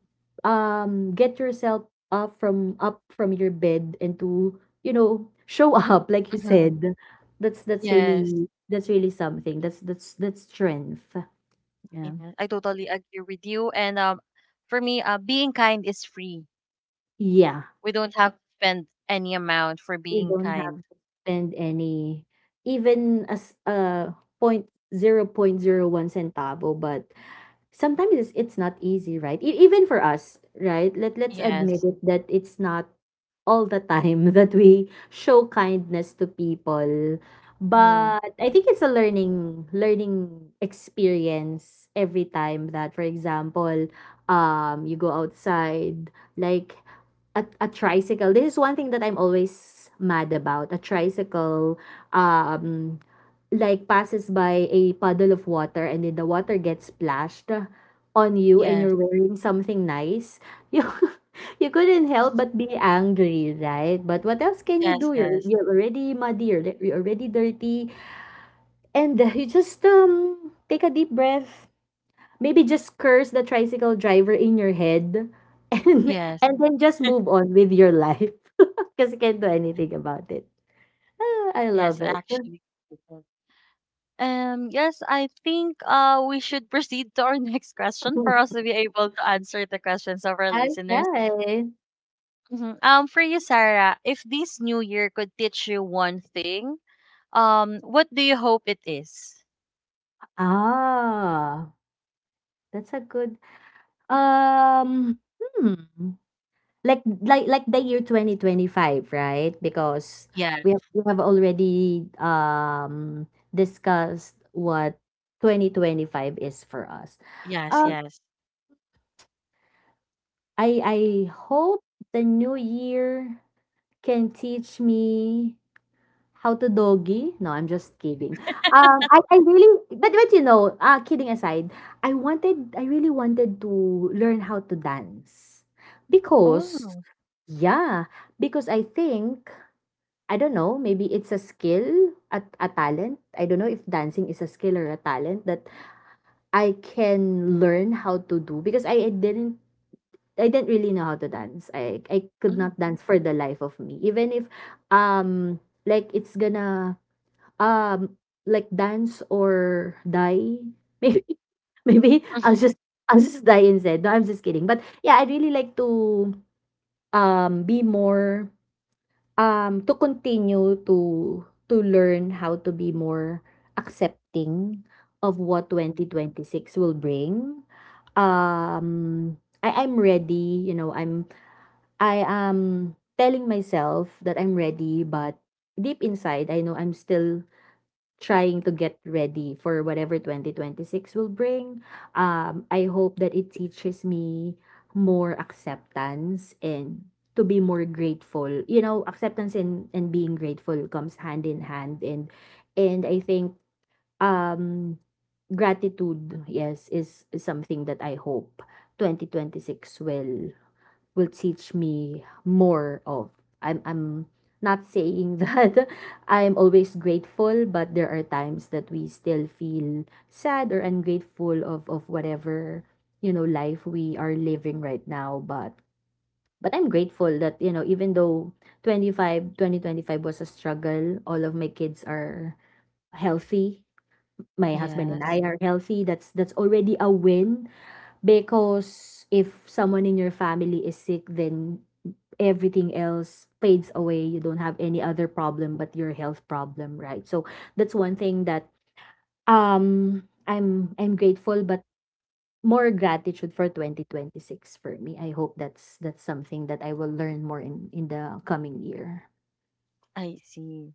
get yourself up from your bed, and to, you know, show up, like you
Mm-hmm.
said, that's that's
Yes.
really that's really something that's strength. Yeah.
Yeah, I totally agree with you. And for me, being kind is free.
Yeah,
We don't have to spend any amount for
you
being
don't have
kind.
to spend any, even as point 0.01 centavo. But sometimes it's not easy, right? Even for us, right? Let's admit
Yes.
it that it's not all the time that we show kindness to people.
Mm-hmm.
But I think it's a learning experience every time that, for example, you go outside, like a tricycle. This is one thing that I'm always mad about. A tricycle, um, like, passes by a puddle of water, and then the water gets splashed on you, and
Yes.
you're wearing something nice. you you couldn't help but be angry, right? But what else can you
Yes.
do? You're
Yes.
you're already muddy, you're already dirty, and you just take a deep breath. Maybe just curse the tricycle driver in your head, and
Yes.
then just move on with your life because you can't do anything about it. Ah, I love
Yes.
it.
Actually. Yes. I think we should proceed to our next question for us to be able to answer the questions of our listeners.
Okay.
Mhm. For you, Sarah, if this new year could teach you one thing, what do you hope it is?
Ah, that's a good hmm. Like the year 2025, right? Because
Yeah.
we have already discussed what 2025 is for us.
Yes.
Um,
Yes.
I hope the new year can teach me. How to doggy? No, I'm just kidding. I really, but you know, kidding aside, I really wanted to learn how to dance because,
Oh.
yeah, because I think, I don't know, maybe it's a skill, a talent. I don't know if dancing is a skill or a talent that I can learn how to do because I didn't. I didn't really know how to dance. I could not
Mm.
dance for the life of me. Even if like it's gonna like, dance or die. Maybe Maybe I'll just die instead. No, I'm just kidding. But yeah, I'd really like to be more to continue to learn how to be more accepting of what
Mhm.
2026 will bring. Um I'm ready, you know, I am telling myself that I'm ready, but deep inside I know I'm still trying to get ready for whatever 2026 will bring. I hope that it teaches me more acceptance and to be more grateful. You know, acceptance and being grateful comes hand in hand, and I think um gratitude, yes, is something that I hope 2026 will teach me more of. I'm not saying that I'm always grateful, but there are times that we still feel sad or ungrateful of whatever, life we are living right now, but I'm grateful that, even though 2025 was a struggle, all of my kids are healthy. My husband and
Yes,
I are healthy. That's already a win because if someone in your family is sick, then everything else fades away. You don't have any other problem but your health problem, right? So that's one thing that I'm grateful, but more gratitude for 2026 for me. I hope that's something that I will learn more in the coming year.
I see.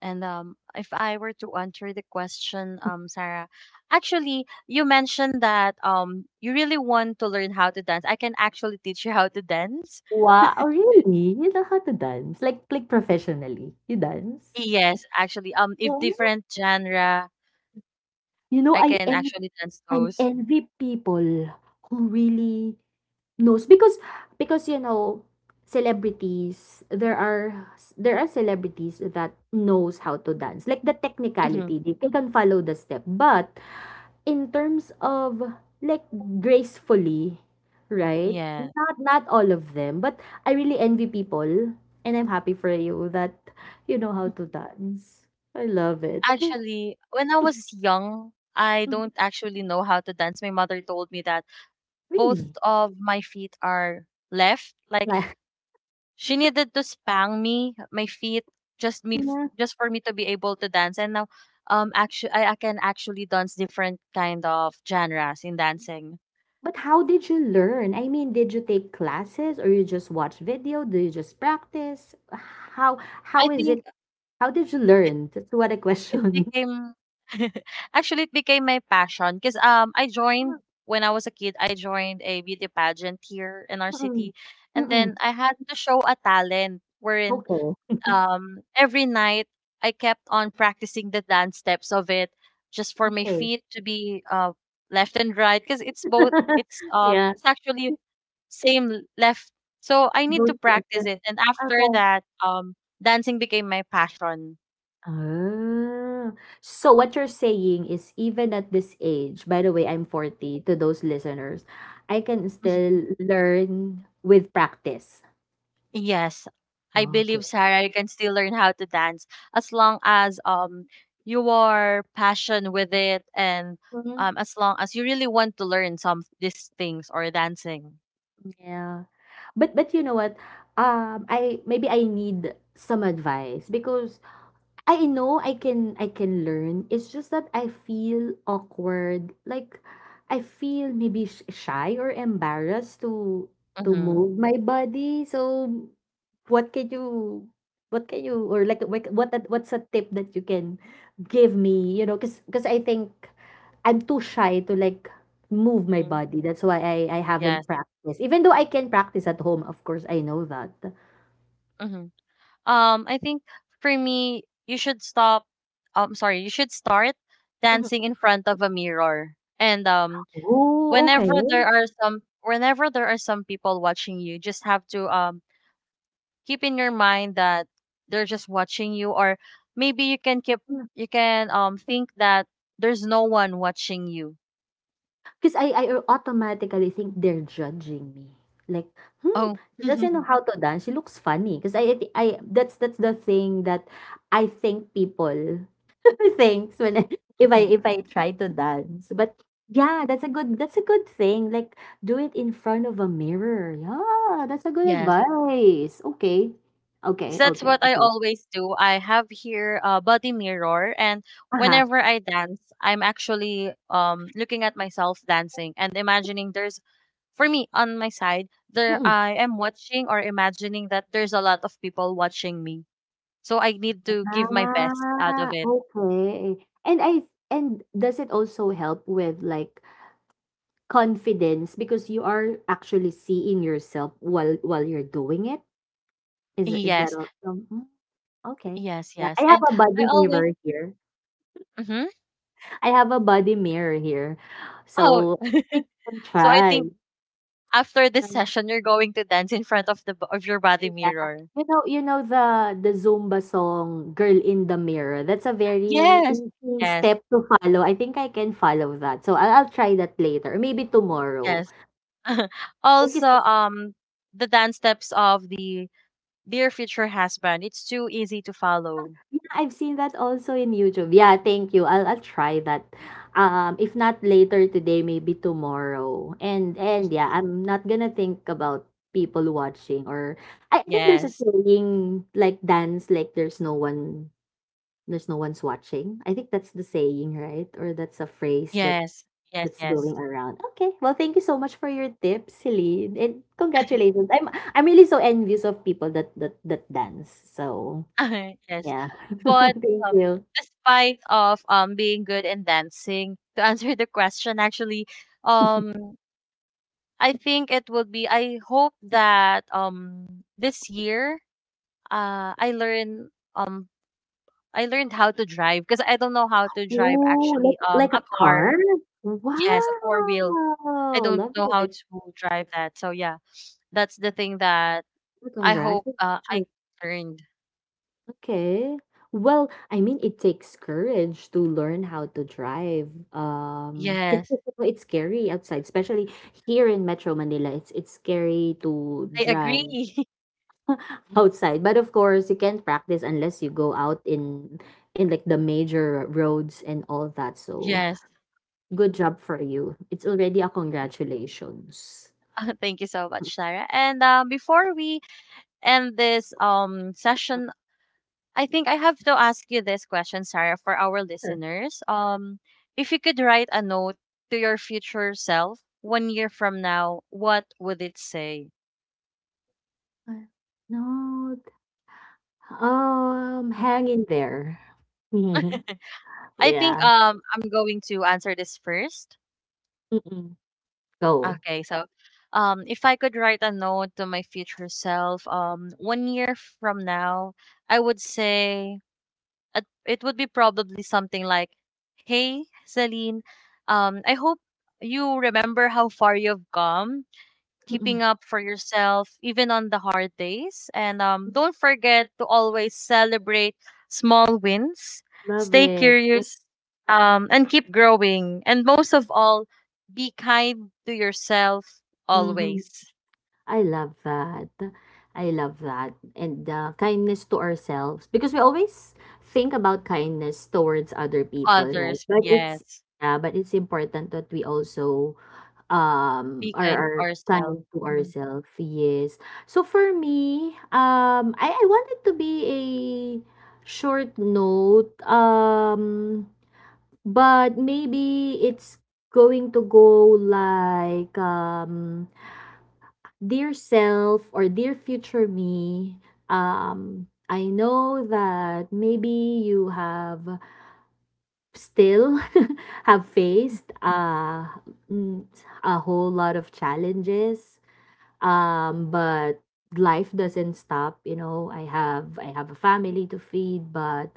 And if I were to answer the question, Sarah, actually, you mentioned that you really want to learn how to dance. I can actually teach you how to dance.
Wow, really? You know how to dance? Like professionally. You dance?
Yes, actually, if
Yeah.
different genre,
You know
I can actually dance
I
those.
envy people who really knows, because because, you know, celebrities, there are celebrities that knows how to dance, like the
Hmm.
technicality, they ca can follow the step. But in terms of, like, gracefully, right?
Yeah.
Not all of them, but I really envy people, and I'm happy for you that you know how to dance. I love it.
Actually, when I was young, I
Mhm.
don't actually know how to dance. My mother told me that both
Really.
of my feet are left. Like
Like.
she needed to spang me, my feet,
Yeah.
just for me to be able to dance. And now, actually, I can actually dance different kind of genres in dancing.
But how did you learn? I mean, did you take classes, or you just watch video? Do you just practice? How
I
is
think
it? How did you
it
learn? That's what a
it
question.
became actually it became my passion because I joined when I was a kid. I joined a beauty pageant here in our
Mm-mm.
city, and then
Mm-mm.
I had to show a talent wherein
Okay.
every night I kept on practicing the dance steps of it just for my
Okay.
feet to be, left and right, because it's both
Yeah.
it's actually left, so I need to
Both
practice
questions.
it, and after
Okay.
that um dancing became my passion.
Ah. So what you're saying is, even at this age, by the way, I'm 40, to those listeners, I can
Mhm.
still learn with practice.
Yes, I
Okay.
believe, Sarah, you can still learn how to dance as long as you are passion with it, and as long as you really want to learn some these things or dancing.
Yeah. But you know what, I maybe I need some advice, because I know I can learn. It's just that I feel awkward. Like, I feel maybe shy or embarrassed to to
Mhm.
move my body. So what can you what can you or like what a- what's a tip that you can give me, cuz I think I'm too shy to, like, move my
Mm,
body. That's why I
yes.
haven't practiced. Even though I can practice at home, of course, I know that.
Hmm. I think for me, you should stop. You should start
Mhm.
dancing in front of a mirror. And
Oh, okay.
whenever there are some people watching you, just have to keep in your mind that they're just watching you, or maybe you can you can think that there's no one watching you.
'Cause I automatically think they're judging me. Like, "Hmm,
Oh.
she doesn't know how to dance, she looks funny." Cause I, that's the thing that I think people thinks when I if I try to dance. But yeah, that's a good thing. Like, do it in front of a mirror. Yeah, that's a good
Yes.
advice. Okay. Okay,
So that's
okay,
what I
okay.
always do. I have here a body mirror, and
Uh-huh.
whenever I dance, I'm actually looking at myself dancing and imagining there's for me on my side there
Mm.
I am watching or imagining that there's a lot of people watching me. So I need to give my best out of
Ah,
it.
okay. And I and does it also help with, like, confidence, because you are actually seeing yourself while you're doing it. Is that
Yes,
all? Okay.
yes,
Yeah,
yes.
I have
And
a
I
body
always
mirror here.
hmm
I have a body mirror here,
oh
so I think I can
So I
try.
think after this
Um,
session you're going to dance in front of the of your body
Yeah,
mirror.
you know, you know the Zumba song "Girl in the Mirror." That's a very
Yes,
easy
yes,
step to follow. I think I can follow that, so I'll try that later, or maybe tomorrow.
yes.
Thank you
Also,
so—
the dance steps of the dear future husband. It's too easy to follow.
Yeah, I've seen that also in YouTube. Yeah, thank you. I'll try that. If not later today, maybe tomorrow. And yeah, I'm not gonna think about people watching, or I think there's a
Yes,
saying like, dance like there's no one's watching. I think that's the saying, right? Or that's a phrase that
yes, yes,
that's
yes,
going around. Okay. Well, thank you so much for your tips, Celine. And congratulations. I'm really so envious of people that dance. So
yes.
yeah.
But
Thank
um,
you.
despite of being good in dancing, to answer the question, actually, um, I think it would be. I hope that this year, uh, I learn um I learned how to drive because I don't know how to drive
Oh,
actually
like like a
a car.
car?
Yes, a four wheel. I
Wow,
don't know
lovely.
how
That's
to drive that. So yeah, that's the thing that
good.
I hope I
Congratulations.
learned.
Okay. Well, I mean, it takes courage to learn how to drive. Because
Yes,
it's scary outside, especially here in Metro Manila. It's scary to
I
drive
agree.
outside. But of course, you can't practice unless you go out in like the major roads and all that. So,
Yes.
good job for you. It's already a congratulations.
Thank you so much, Sarah. And before we end this session, I think I have to ask you this question, Sarah, for our listeners. If you could write a note to your future self one year from now, what would it say?
Uh, no, hang in there.
I think
Yeah.
I'm going to answer this first.
Mm-mm. Go.
Okay, so if I could write a note to my future self, one year from now, I would say it would be probably something like, "Hey, Celine, I hope you remember how far you've come keeping
Mm-mm.
up for yourself, even on the hard days. And don't forget to always celebrate small wins,
Love
stay
it.
curious, and keep growing. And most of all, be kind to yourself
Mhm.
always.
I love that. I love that. And kindness to ourselves, because we always think about kindness towards other people, right?
Others,
But it's
yes.
yeah, but it's important that we also,
Be
or
kind
our
to ourselves.
time to
Mhm.
ourselves. Yes. So for me, I want it to be a short note. But maybe it's going to go like, dear self, or dear future me. I know that maybe you have still have faced mm, a whole lot of challenges, um, but life doesn't stop. You know, I have a family to feed, but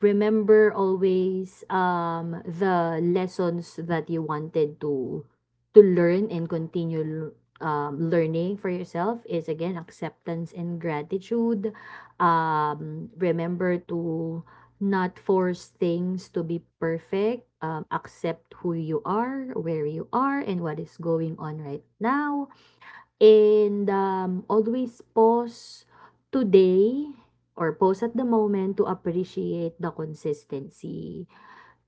remember always the lessons that you wanted to learn, and continue, learning. For yourself is, again, acceptance and gratitude. Um, remember to not force things to be perfect, accept who you are, where you are, and what is going on right now. And, always pause today, or pause at the moment to appreciate the consistency.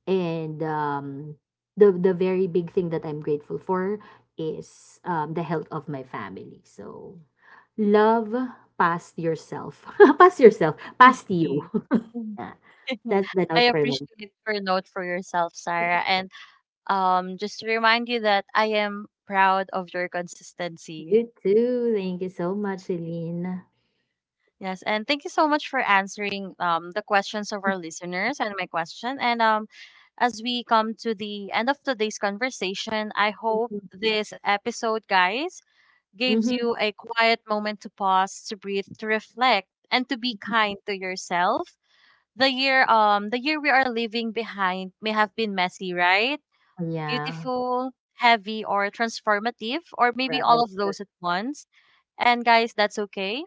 And, the very big thing that I'm grateful for is, the health of my family. So, love past yourself. Past yourself.
I
Past you.
see. Mhm.
Yeah. That's the
I
note for me.
appreciate your note for yourself, Sarah. And just to remind you that I am proud of your consistency.
You too. Thank you so much, Celine.
Yes, and thank you so much for answering the questions of our listeners and my question. And as we come to the end of today's conversation, I hope
Mm-hmm.
this episode, guys, gives you a quiet moment to pause, to breathe, to reflect, and to be
Mm-hmm.
kind to yourself. The year we are leaving behind may have been messy, right?
Yeah.
Beautiful, heavy, or transformative, or maybe all
Right.
of those at once. And guys, that's okay.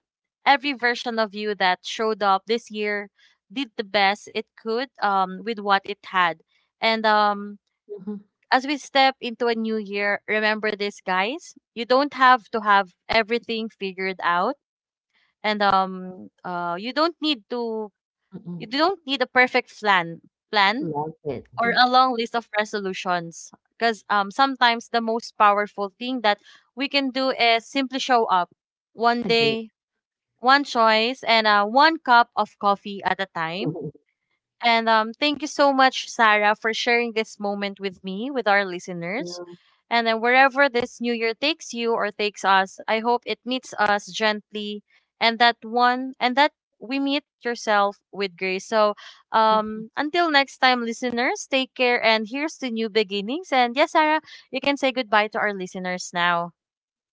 Every version of you that showed up this year did the best it could with what it had. And
Mhm.
as we step into a new year, remember this, guys. You don't have to have everything figured out, and you don't need to. You
Mm-mm.
don't need a perfect plan
Love it.
or a long list of resolutions. Because sometimes the most powerful thing that we can do is simply show up one
Agree.
day, one choice, and one cup of coffee at a time. And thank you so much, Sarah, for sharing this moment with me, with our listeners.
Yeah.
And then wherever this new year takes you or takes us, I hope it meets us gently and that we meet yourself with grace. So
Mhm.
until next time, listeners, take care and here's to new beginnings. And yes, Sarah, you can say goodbye to our listeners now.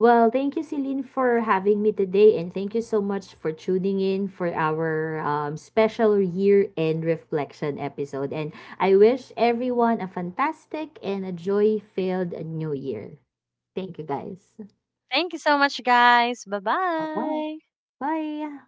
Well, thank you, Celine, for having me today, and thank you so much for tuning in for our, special year-end reflection episode. And I wish everyone a fantastic and a joy-filled new year. Thank you, guys.
Thank you so much, guys. Bye
Bye-bye.
bye.
Bye.